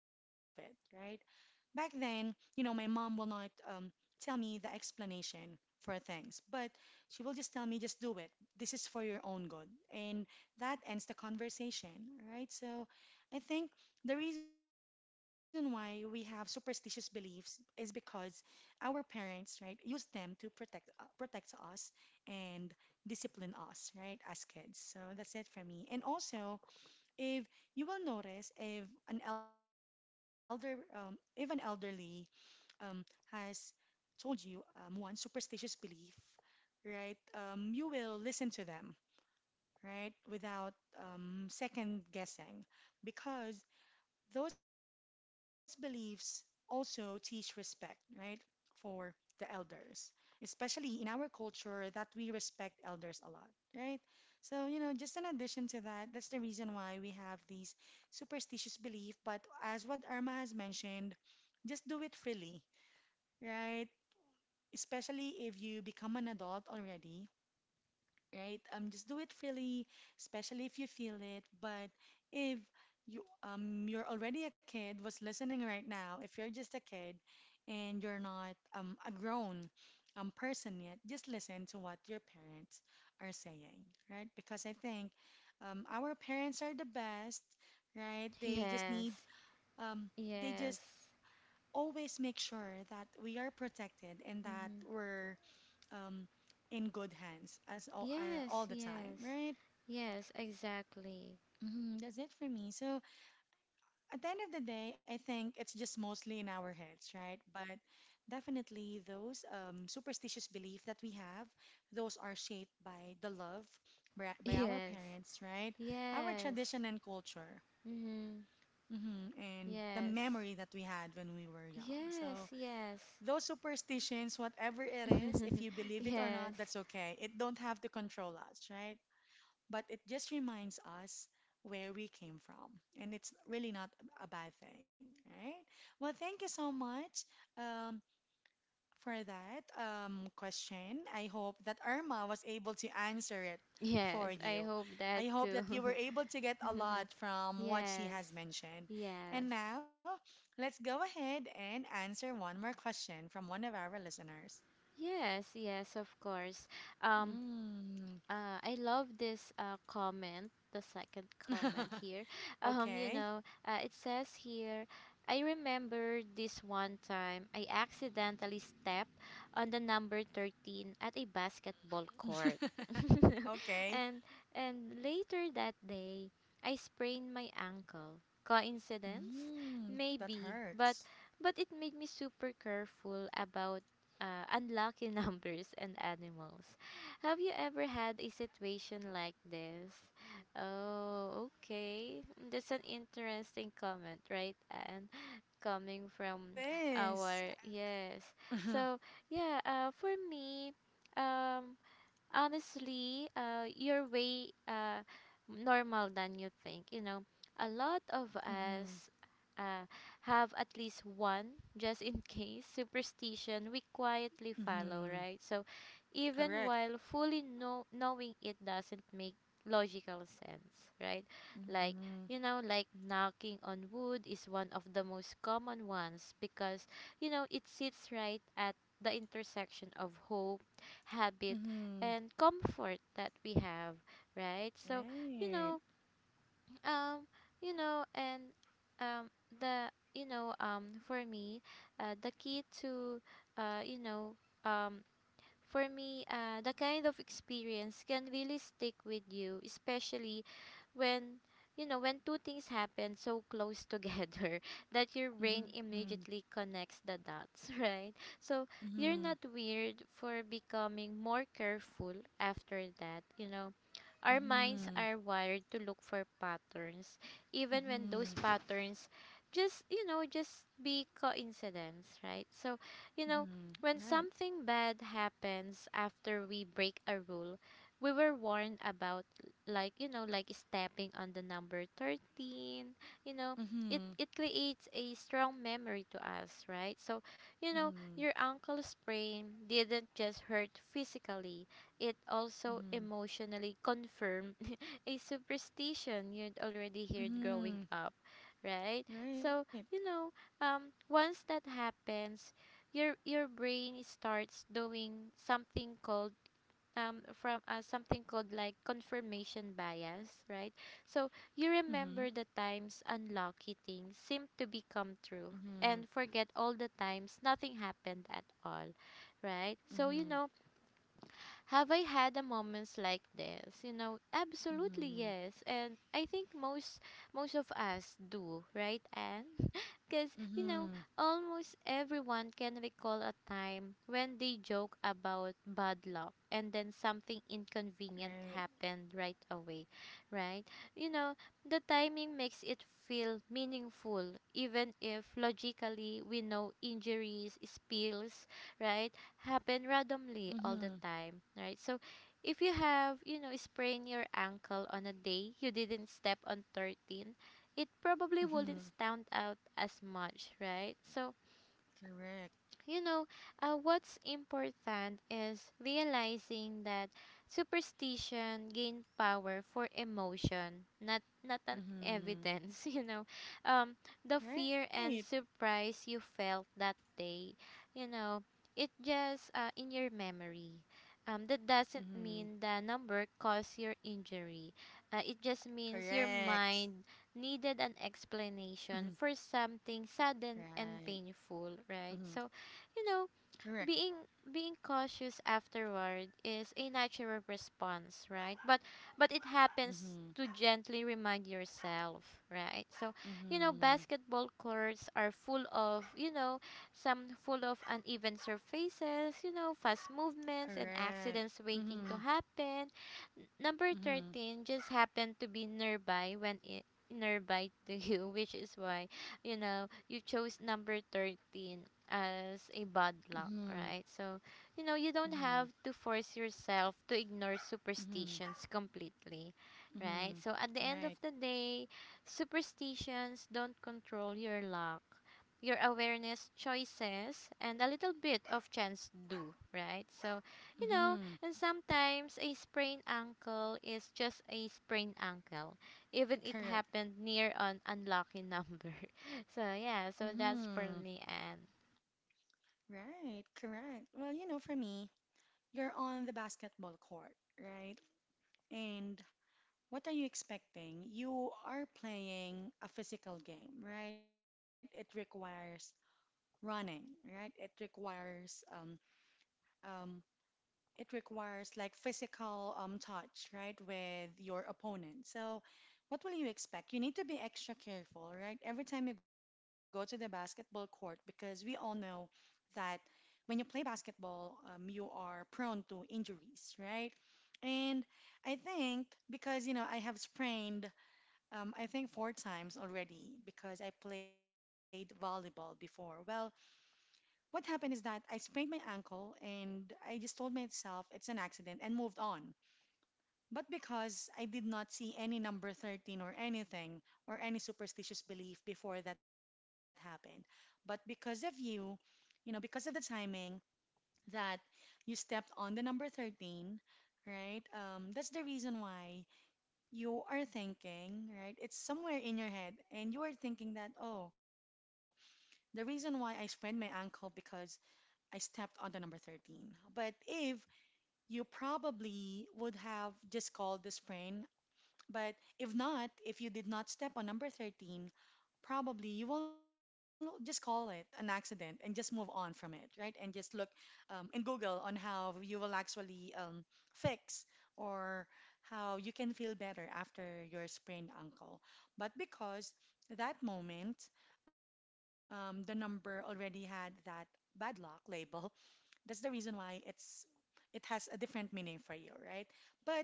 Speaker 1: Back then, my mom will not tell me the explanation for things, but she will just tell me, just do it. This is for your own good. And that ends the conversation, right? So I think the reason why we have superstitious beliefs is because our parents, right, use them to protect protect us and discipline us, right, as kids. So that's it for me. And also, if you will notice if an elder if an elderly um, has told you one superstitious belief right you will listen to them right without second guessing because those beliefs also teach respect, right, for the elders, especially in our culture that we respect elders a lot, right? So, just in addition to that, that's the reason why we have these superstitious belief, but as what Irma has mentioned, just do it freely, right? Especially if you become an adult already, right? Just do it freely, especially if you feel it. But if you're already a kid was listening right now, if you're just a kid and you're not a grown person yet, just listen to what your parents are saying, right? Because I think our parents are the best, right? They just
Speaker 2: Yes.
Speaker 1: need um they just
Speaker 2: Yes.
Speaker 1: always make sure that we are protected and that
Speaker 2: Mm-hmm.
Speaker 1: we're um, in good hands as
Speaker 2: Yes,
Speaker 1: all the time,
Speaker 2: yes.
Speaker 1: right?
Speaker 2: Yes, exactly.
Speaker 1: That's it for me. So at the end of the day, I think it's just mostly in our heads, right? But definitely those superstitious belief that we have, those are shaped by the love by our
Speaker 2: Yes.
Speaker 1: parents, right? Our
Speaker 2: Yes.
Speaker 1: tradition and culture.
Speaker 2: Mm-hmm.
Speaker 1: And the
Speaker 2: Yes.
Speaker 1: memory that we had when we were young. So
Speaker 2: Yes, yes.
Speaker 1: those superstitions, whatever it is, if you believe it or
Speaker 2: Yes.
Speaker 1: not, that's okay. It don't have to control us, right? But it just reminds us where we came from. And it's really not a bad thing, right? Well, thank you so much um, for that question. I hope that Irma was able to answer it for
Speaker 2: Yes, I
Speaker 1: you.
Speaker 2: hope that
Speaker 1: I hope
Speaker 2: too.
Speaker 1: that you were able to get a lot from what she
Speaker 2: Yes.
Speaker 1: has mentioned.
Speaker 2: Yes.
Speaker 1: And now, let's go ahead and answer one more question from one of our listeners.
Speaker 2: Yes, yes, of course. Um
Speaker 1: Mm.
Speaker 2: I love this comment, the second comment here. You
Speaker 1: Okay.
Speaker 2: know, it says here, I remember this one time I accidentally stepped on the number 13 at a basketball court.
Speaker 1: Okay.
Speaker 2: and and later that day, I sprained my ankle. Coincidence?
Speaker 1: Mm, that
Speaker 2: Maybe,
Speaker 1: hurts.
Speaker 2: but it made me super careful about unlucky numbers and animals. Have you ever had a situation like this? Oh, okay. That's an interesting comment, right? And coming
Speaker 1: It
Speaker 2: from
Speaker 1: is.
Speaker 2: our yes.
Speaker 1: Mm-hmm.
Speaker 2: So, yeah, for me, um honestly, you're way normal than you think. You know, a lot of
Speaker 1: Mm-hmm.
Speaker 2: us uh, have at least one, just in case, superstition we quietly follow,
Speaker 1: Mm-hmm.
Speaker 2: right? So, even
Speaker 1: Correct.
Speaker 2: while knowing it doesn't make logical sense, right? Like,
Speaker 1: Mm-hmm.
Speaker 2: you know, like knocking on wood is one of the most common ones because, you know, it sits right at the intersection of hope, habit
Speaker 1: Mm-hmm.
Speaker 2: and comfort that we have, right? So, you
Speaker 1: Right.
Speaker 2: know, um, you know, and um, the you know, for me, the key to, you know, um, for me, the kind of experience can really stick with you, especially when you know when two things happen so close together that your brain
Speaker 1: Mm-hmm.
Speaker 2: immediately connects the dots, right? So you're
Speaker 1: Mm-hmm.
Speaker 2: not weird for becoming more careful after that, you know our minds
Speaker 1: Mm-hmm.
Speaker 2: are wired to look for patterns, even when those
Speaker 1: Mm-hmm.
Speaker 2: patterns just, you know, just be coincidence, right? So, you know,
Speaker 1: Mm-hmm.
Speaker 2: when
Speaker 1: Right.
Speaker 2: something bad happens after we break a rule, we were warned about like, you know, like stepping on the number 13, you know, it
Speaker 1: Mm-hmm.
Speaker 2: it creates a strong memory to us, right? So, you know,
Speaker 1: Mm-hmm.
Speaker 2: your uncle's sprain didn't just hurt physically, it also
Speaker 1: Mm-hmm.
Speaker 2: emotionally confirm a superstition you'd already heard growing
Speaker 1: Mm-hmm.
Speaker 2: up, right?
Speaker 1: Right.
Speaker 2: So, you know, once that happens, your brain starts doing something called from something called like confirmation bias, right? So you
Speaker 1: Mm-hmm.
Speaker 2: remember the times unlucky things seem to become true
Speaker 1: Mm-hmm.
Speaker 2: and forget all the times nothing happened at all, right? So
Speaker 1: Mm-hmm.
Speaker 2: you know have I had a moments like this? You know, absolutely
Speaker 1: Mm-hmm.
Speaker 2: yes. And I think most most of us do, right? And because
Speaker 1: Mm-hmm.
Speaker 2: you know, almost everyone can recall a time when they joke about bad luck and then something inconvenient
Speaker 1: Right.
Speaker 2: happened right away, right? You know, the timing makes it feel meaningful even if logically we know injuries, spills, right? Happen randomly all
Speaker 1: Mm-hmm.
Speaker 2: the time, right? So if you have, you know, sprain your ankle on a day you didn't step on 13, it probably
Speaker 1: Mm-hmm.
Speaker 2: wouldn't stand out as much, right? So
Speaker 1: Correct.
Speaker 2: you know, what's important is realizing that superstition gain power for emotion, not not an
Speaker 1: Mm-hmm.
Speaker 2: evidence. You know, um, the
Speaker 1: Right.
Speaker 2: fear and surprise you felt that day, you know, it just in your memory. That doesn't
Speaker 1: Mm-hmm.
Speaker 2: mean the number caused your injury. It just means your
Speaker 1: Correct.
Speaker 2: mind needed an
Speaker 1: Mm-hmm.
Speaker 2: explanation for something
Speaker 1: Right.
Speaker 2: sudden and
Speaker 1: Mm-hmm.
Speaker 2: painful, right? So, you know,
Speaker 1: Correct.
Speaker 2: being being cautious afterward is a natural response, right? But it
Speaker 1: Mm-hmm.
Speaker 2: happens to gently remind yourself, right? So, you
Speaker 1: Mm-hmm.
Speaker 2: know, basketball courts are full of, you know, some full of uneven surfaces, you know, fast movements and
Speaker 1: Correct.
Speaker 2: accidents
Speaker 1: Mm-hmm.
Speaker 2: waiting to happen.
Speaker 1: Mm-hmm.
Speaker 2: Number 13 just happened to be nearby when it nearby to you, which is why you chose number 13 as a bad
Speaker 1: Mm-hmm.
Speaker 2: luck, right? So,
Speaker 1: Mm-hmm.
Speaker 2: you don't have to force yourself to ignore
Speaker 1: Mm-hmm.
Speaker 2: superstitions completely,
Speaker 1: Mm-hmm.
Speaker 2: right? So,
Speaker 1: Right.
Speaker 2: at the end of the day, superstitions don't control your luck. Your awareness choices and a little bit of chance do, right? So,
Speaker 1: Mm-hmm.
Speaker 2: you know, and sometimes a sprained ankle is just a sprained ankle, even it
Speaker 1: Correct.
Speaker 2: happened near an unlucky number. So yeah, so
Speaker 1: Mm-hmm.
Speaker 2: that's for me and
Speaker 1: Right. Correct. Well, for me, you're on the basketball court, right? And what are you expecting? You are playing a physical game, right? It requires running, right? Um, it requires like physical touch, right, with your opponent. So, what will you expect? You need to be extra careful, right, every time you go to the basketball court because we all know that when you play basketball, you are prone to injuries, right? And I think because, I have sprained, I think 4 times already because I played volleyball before. Well, what happened is that I sprained my ankle and I just told myself it's an accident and moved on. But because I did not see any number 13 or anything or any superstitious belief before that happened. But because of you, because of the timing that you stepped on the number 13, right? That's the reason why you are thinking, right? It's somewhere in your head and you are thinking that, oh, the reason why I sprained my ankle because I stepped on the number 13. But if you probably would have just called the sprain, but if not, if you did not step on number 13, probably you will just call it an accident and just move on from it, right? And just look in Google on how you will actually fix or how you can feel better after your sprained ankle. But because that moment, the number already had that bad luck label, that's the reason why it has a different meaning for you, right? But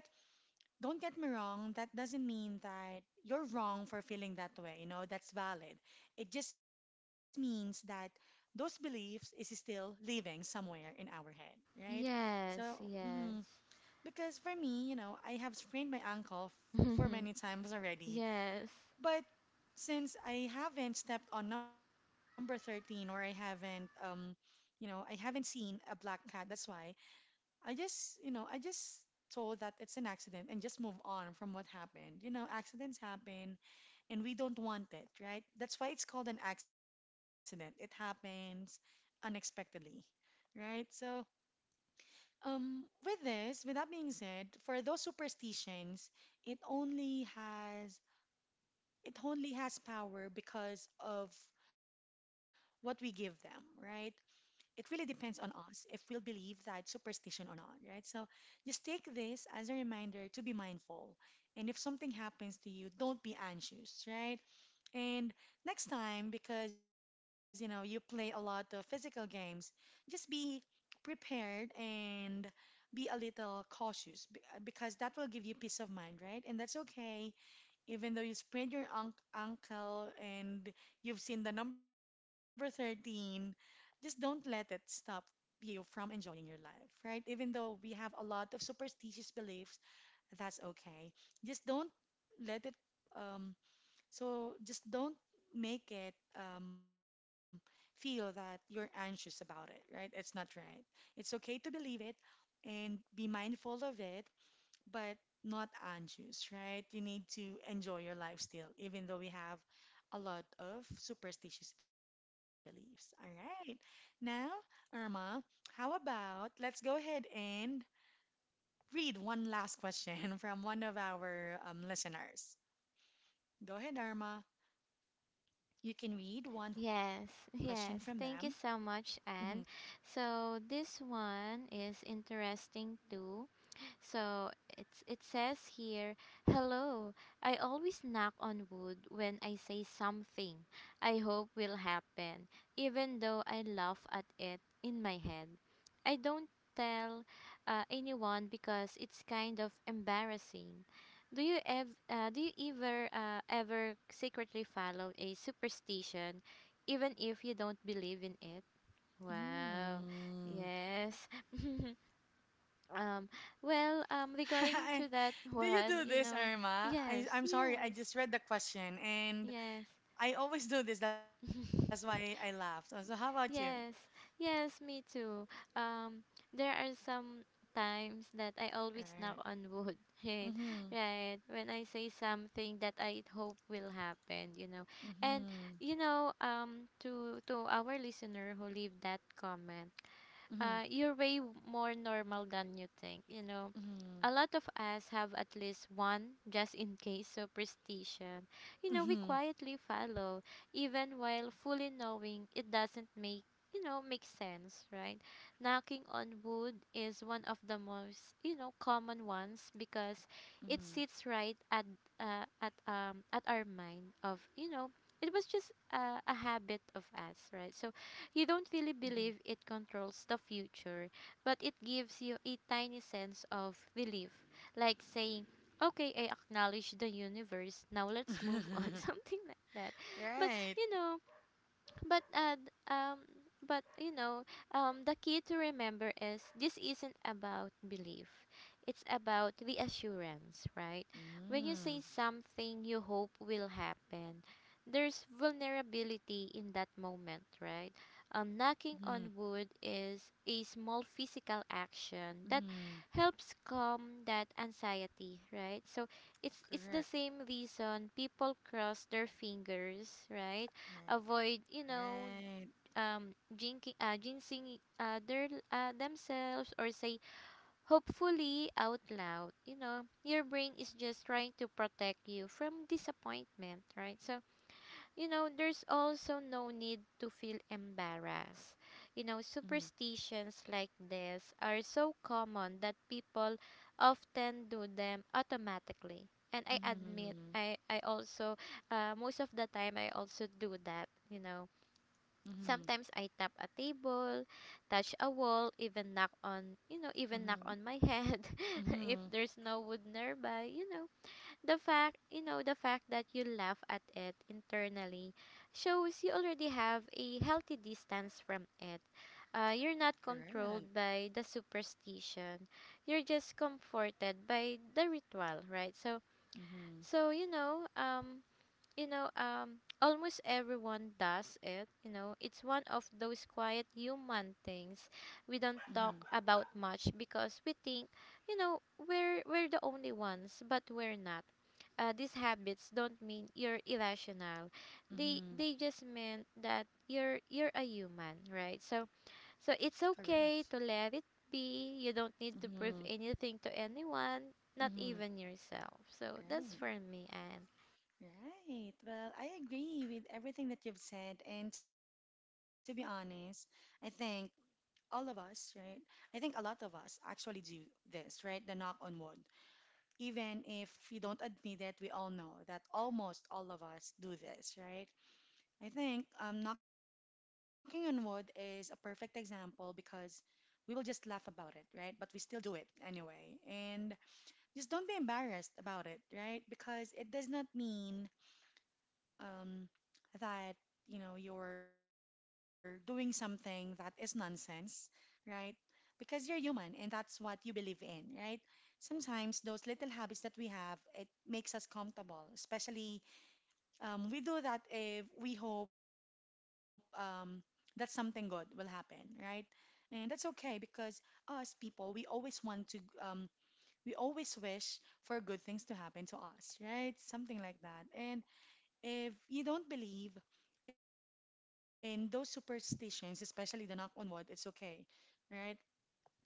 Speaker 1: don't get me wrong, that doesn't mean that you're wrong for feeling that way, you know, that's valid. It just means that those beliefs is still living somewhere in our head, right? So,
Speaker 2: yes,
Speaker 1: mhm,
Speaker 2: yes.
Speaker 1: because for me, you know, I have sprained my ankle for many times already,
Speaker 2: Yes.
Speaker 1: but since I haven't stepped on number 13 or I haven't you know, I haven't seen a black cat. That's why I just, you know, I just told that it's an accident and just move on from what happened. You know, accidents happen and we don't want it, right? That's why it's called an accident. It happens unexpectedly, right? So, with this, with that being said, for those superstitions, it only has it only has power because of what we give them, right? It really depends on us if we'll believe that superstition or not, right? So just take this as a reminder to be mindful. And if something happens to you, don't be anxious, right? And next time, because you know you play a lot of physical games, just be prepared and be a little cautious because that will give you peace of mind, right? And that's okay even though you sprained your unc ankle and you've seen the number 13, just don't let it stop you from enjoying your life, right? Even though we have a lot of superstitious beliefs, that's okay. Just don't let it, um, so just don't make it feel that you're anxious about it, right? It's not right. It's okay to believe it and be mindful of it, but not anxious, right? You need to enjoy your life still, even though we have a lot of superstitious beliefs. All right. Now, Irma, how about let's go ahead and read one last question from one of our listeners. Go ahead, Irma. You can read one question
Speaker 2: Yes,
Speaker 1: from them.
Speaker 2: yes. Thank you so
Speaker 1: Mhm.
Speaker 2: much, Anne. So this one is interesting too. So it's it says here, "Hello. I always knock on wood when I say something I hope will happen, even though I laugh at it in my head. I don't tell anyone because it's kind of embarrassing. Do you ever ever secretly follow a superstition even if you don't believe in it?" Wow.
Speaker 1: Mm.
Speaker 2: Yes. Um, well, regarding to that
Speaker 1: Do you
Speaker 2: one,
Speaker 1: do
Speaker 2: you
Speaker 1: this,
Speaker 2: know,
Speaker 1: Irma? I,
Speaker 2: yes,
Speaker 1: I'm sorry, I
Speaker 2: yes,
Speaker 1: just read the question and
Speaker 2: yes,
Speaker 1: I always do this. That's why I laughed. So how about you?
Speaker 2: yes, yes, me too. Um, there are some times that I always knock
Speaker 1: Right.
Speaker 2: on wood, right?
Speaker 1: Mm-hmm.
Speaker 2: Right. When I say something that I hope will happen, you know. And
Speaker 1: Mm-hmm.
Speaker 2: you know, to our listener who leave that comment,
Speaker 1: Mm-hmm.
Speaker 2: you're way more normal than you think. You know,
Speaker 1: Mm-hmm.
Speaker 2: a lot of us have at least one just in case superstition. You know, we
Speaker 1: Mm-hmm.
Speaker 2: quietly follow, even while fully knowing it doesn't make, you know, make sense, right? Knocking on wood is one of the most, you know, common ones because it
Speaker 1: Mm-hmm.
Speaker 2: sits right at, at our mind of, you know, it was just a habit of us, right? So you don't
Speaker 1: Mm-hmm.
Speaker 2: really believe it controls the future, but it gives you a tiny sense of relief, like saying, "Okay, I acknowledge the universe. Now let's move on," something like that. But
Speaker 1: Right.
Speaker 2: you know, but uh, d- um but you know, the key to remember is this isn't about belief, it's about reassurance, right? When you say
Speaker 1: Mm-hmm.
Speaker 2: something you hope will happen, there's vulnerability in that moment, right?
Speaker 1: Mm-hmm.
Speaker 2: Knocking on wood is a small physical action that
Speaker 1: Mm-hmm.
Speaker 2: helps calm that anxiety, right? So it's the
Speaker 1: Correct.
Speaker 2: same reason people cross their fingers, right? Avoid,
Speaker 1: Right.
Speaker 2: you know, jinking jinxing, their themselves, or say "hopefully" out loud. You know, your brain is just trying to protect you from disappointment, right? So you know, there's also no need to feel embarrassed. You know,
Speaker 1: Mm-hmm.
Speaker 2: superstitions like this are so common that people often do them automatically. And I admit
Speaker 1: Mm-hmm.
Speaker 2: I also, most of the time I also do that, you know.
Speaker 1: Mm-hmm.
Speaker 2: Sometimes I tap a table, touch a wall, even knock on, you know, even knock
Speaker 1: Mm-hmm.
Speaker 2: on my head if
Speaker 1: Mm-hmm.
Speaker 2: there's no wood nearby, you know. The fact, you know, the fact that you laugh at it internally shows you already have a healthy distance from it. You're not
Speaker 1: Correct.
Speaker 2: controlled by the superstition. You're just comforted by the ritual, right? So,
Speaker 1: Mm-hmm.
Speaker 2: so you know, almost everyone does it. You know, it's one of those quiet human things we don't
Speaker 1: Mm-hmm.
Speaker 2: talk about much because we think, you know, we're the only ones, but we're not. These habits don't mean you're irrational.
Speaker 1: Mm-hmm.
Speaker 2: They just mean that you're a human, right? So so it's
Speaker 1: Correct.
Speaker 2: okay to let it be. You don't need to prove
Speaker 1: Mm-hmm.
Speaker 2: anything to anyone, not
Speaker 1: Mm-hmm.
Speaker 2: even yourself. So that's
Speaker 1: Right.
Speaker 2: for me, and
Speaker 1: Right. Well, I agree with everything that you've said. And to be honest, I think all of us, right? I think a lot of us actually do this, right? The knock on wood. Even if we don't admit it, we all know that almost all of us do this, right? I think knocking on wood is a perfect example because we will just laugh about it, right? But we still do it anyway. And just don't be embarrassed about it, right? Because it does not mean um, that you know you're doing something that is nonsense, right? Because you're human and that's what you believe in, right? Sometimes those little habits that we have it makes us comfortable. Especially we do that if we hope that something good will happen, right? And that's okay because us people we always want to we always wish for good things to happen to us, right? Something like that. And if you don't believe in those superstitions, especially the knock on wood, it's okay, right?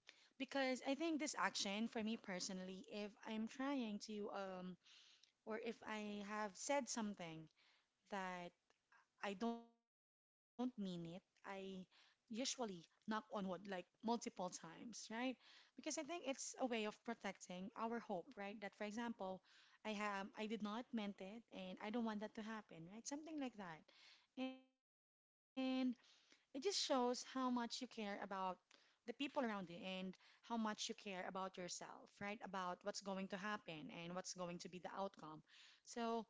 Speaker 1: Because I think this action, for me personally, if I'm trying to, or if I have said something that I don't mean it, I usually knock on wood like multiple times, right? Because I think it's a way of protecting our hope, right? That, for example, I did not meant it, and I don't want that to happen, right? Something like that. And it just shows how much you care about the people around you and how much you care about yourself, right? About what's going to happen and what's going to be the outcome. So,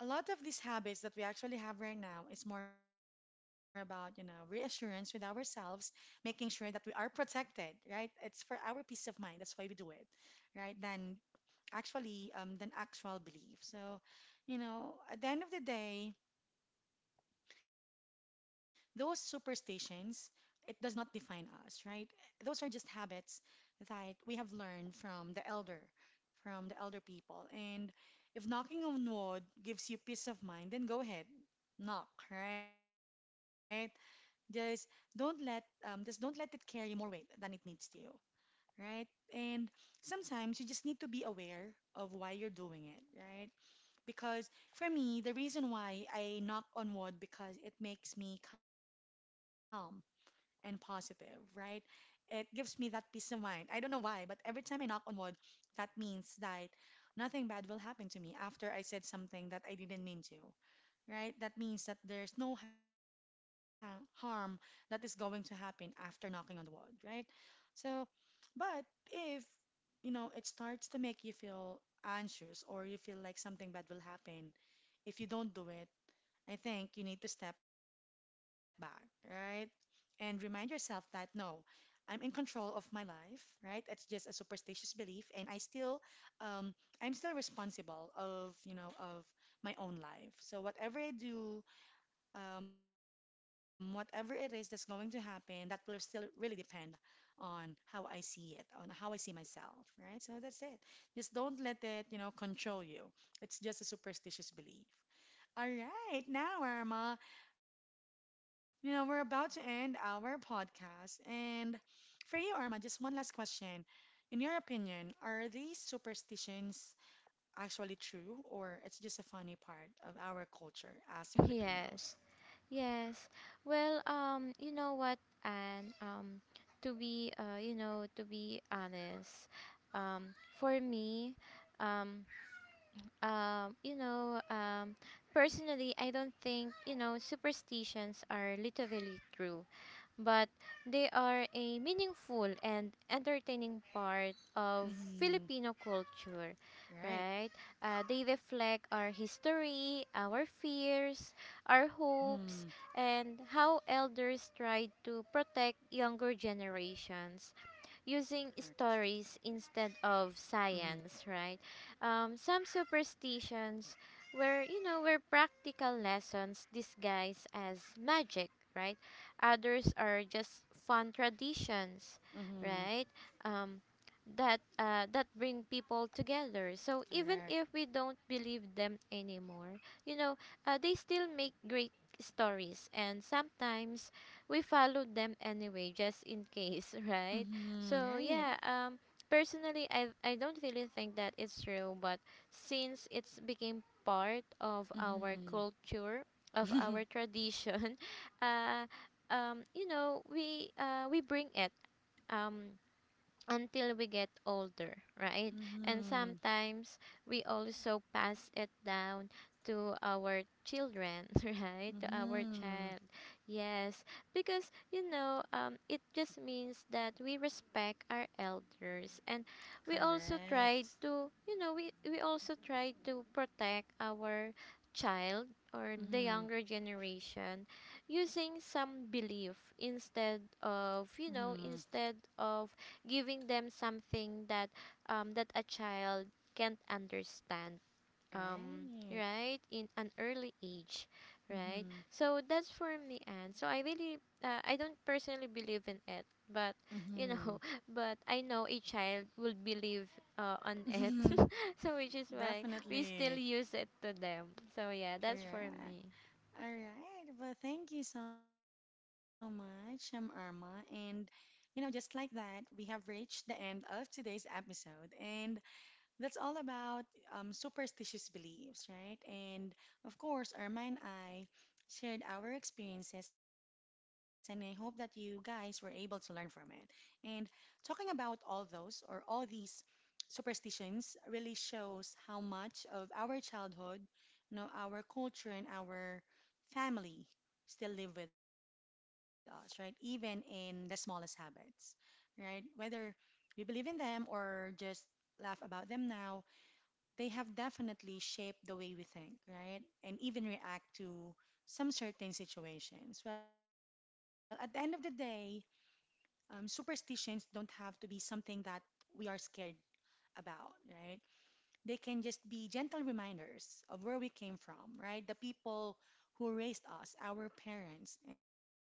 Speaker 1: a lot of these habits that we actually have right now is more about, you know, reassurance with ourselves, making sure that we are protected, right? It's for our peace of mind. That's why we do it, right? Than actually than actual belief. So, you know, at the end of the day, those superstitions, it does not define us, right? Those are just habits that we have learned from the elder people. And if knocking on wood gives you peace of mind, then go ahead, knock, right? Just don't let just don't let it carry more weight than it needs to, right? And sometimes you just need to be aware of why you're doing it, right? Because for me, the reason why I knock on wood because it makes me calm and positive, right? It gives me that peace of mind. I don't know why, but every time I knock on wood, that means that nothing bad will happen to me after I said something that I didn't mean to, right? That means that there's no ha harm that is going to happen after knocking on the wood, right? So, but if it starts to make you feel anxious or you feel like something bad will happen, if you don't do it, I think you need to step back, right? And remind yourself that no, I'm in control of my life, right? It's just a superstitious belief, and um, I'm still responsible of my own life. So whatever I do, whatever it is that's going to happen, that will still really depend on how I see it, on how I see myself, right? So that's it. Just don't let it control you. It's just a superstitious belief. All right, now, Irma, we're about to end our podcast. And for you, Irma, just one last question. In your opinion, are these superstitions actually true, or it's just a funny part of our culture as
Speaker 2: yes.
Speaker 1: Filipinos?
Speaker 2: Yes. Well, you know what, and to be you know, to be honest, um, for me, um, you know, personally, I don't think, you know, superstitions are literally true, but they are a meaningful and entertaining part of
Speaker 1: Mm-hmm.
Speaker 2: Filipino culture,
Speaker 1: Right.
Speaker 2: right? They reflect our history, our fears, our hopes,
Speaker 1: Mm-hmm.
Speaker 2: and how elders tried to protect younger generations using
Speaker 1: Correct.
Speaker 2: stories instead of
Speaker 1: Mm-hmm.
Speaker 2: science, right? Some superstitions were, you know, were practical lessons disguised as magic, right? Others are just fun traditions,
Speaker 1: Mm-hmm.
Speaker 2: right? Um, that bring people together. So even
Speaker 1: Correct.
Speaker 2: if we don't believe them anymore, you know, they still make great stories, and sometimes we follow them anyway, just in case, right?
Speaker 1: Mm-hmm.
Speaker 2: So
Speaker 1: Right.
Speaker 2: yeah, personally, I don't really think that it's true, but since it's became part of our
Speaker 1: Mm-hmm.
Speaker 2: culture, of our tradition, uh, you know, we bring it. Um, until we get older, right? And
Speaker 1: Mm-hmm.
Speaker 2: sometimes we also pass it down to our children, right? To our
Speaker 1: Mm-hmm.
Speaker 2: child. Yes, because you know, it just means that we respect our elders and we also try
Speaker 1: Correct.
Speaker 2: to, you know, we also try to protect our child or the
Speaker 1: Mm-hmm.
Speaker 2: younger generation using some belief instead
Speaker 1: Mm-hmm.
Speaker 2: of, you know, instead of giving them something that that a child can't understand,
Speaker 1: Right.
Speaker 2: right in an early age, right?
Speaker 1: Mm-hmm.
Speaker 2: So that's for me, and so I really, I don't personally believe in it, but you
Speaker 1: Mm-hmm.
Speaker 2: know, but I know a child will believe, on it. So which is why we still
Speaker 1: Definitely.
Speaker 2: use it to them. So yeah, that's for me.
Speaker 1: Correct. All right. Well, thank you so much, I'm Irma. And, just like that, we have reached the end of today's episode. And that's all about superstitious beliefs, right? And of course, Irma and I shared our experiences, and I hope that you guys were able to learn from it. And talking about all those or all these superstitions really shows how much of our childhood, our culture and our family still live with us, right? Even in the smallest habits, right? Whether we believe in them or just laugh about them now, they have definitely shaped the way we think, right? And even react to some certain situations. Well, at the end of the day, superstitions don't have to be something that we are scared about, right? They can just be gentle reminders of where we came from, right? The people who raised us, our parents, and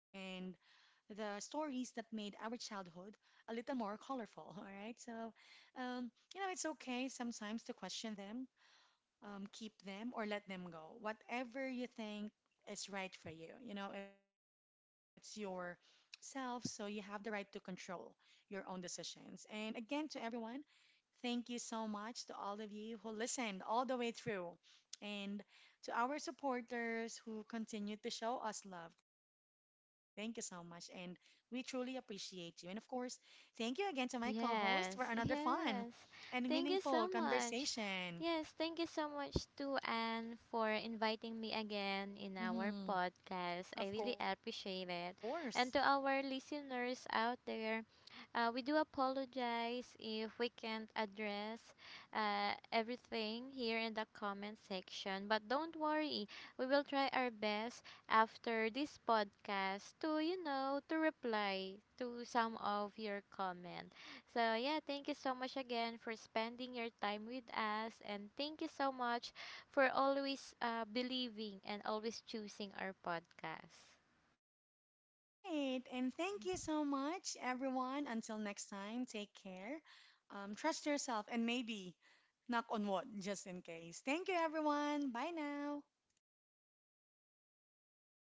Speaker 1: the stories that made our childhood a little more colorful, all right? So, it's okay sometimes to question them, keep them, or let them go. Whatever you think is right for you, it's your self, so you have the right to control your own decisions. And again, to everyone, thank you so much to all of you who listened all the way through and to our supporters who continue to show us love. Thank you so much and we truly appreciate you. And of course, thank you again to my co-host for another
Speaker 2: Yes,
Speaker 1: fun
Speaker 2: yes.
Speaker 1: and
Speaker 2: Thank you
Speaker 1: meaningful
Speaker 2: so much.
Speaker 1: conversation.
Speaker 2: Yes, thank you so much to Anne for inviting me again in our
Speaker 1: hmm
Speaker 2: podcast. I
Speaker 1: Of
Speaker 2: really
Speaker 1: course.
Speaker 2: appreciate it. And to our listeners out there, we do apologize if we can't address everything here in the comment section. But don't worry, we will try our best after this podcast to, you know, to reply to some of your comments. So, yeah, thank you so much again for spending your time with us. And thank you so much for always believing and always choosing our podcast.
Speaker 1: All right. And thank you so much, everyone. Until next time, take care. Trust yourself and maybe knock on wood just in case. Thank you, everyone. Bye now.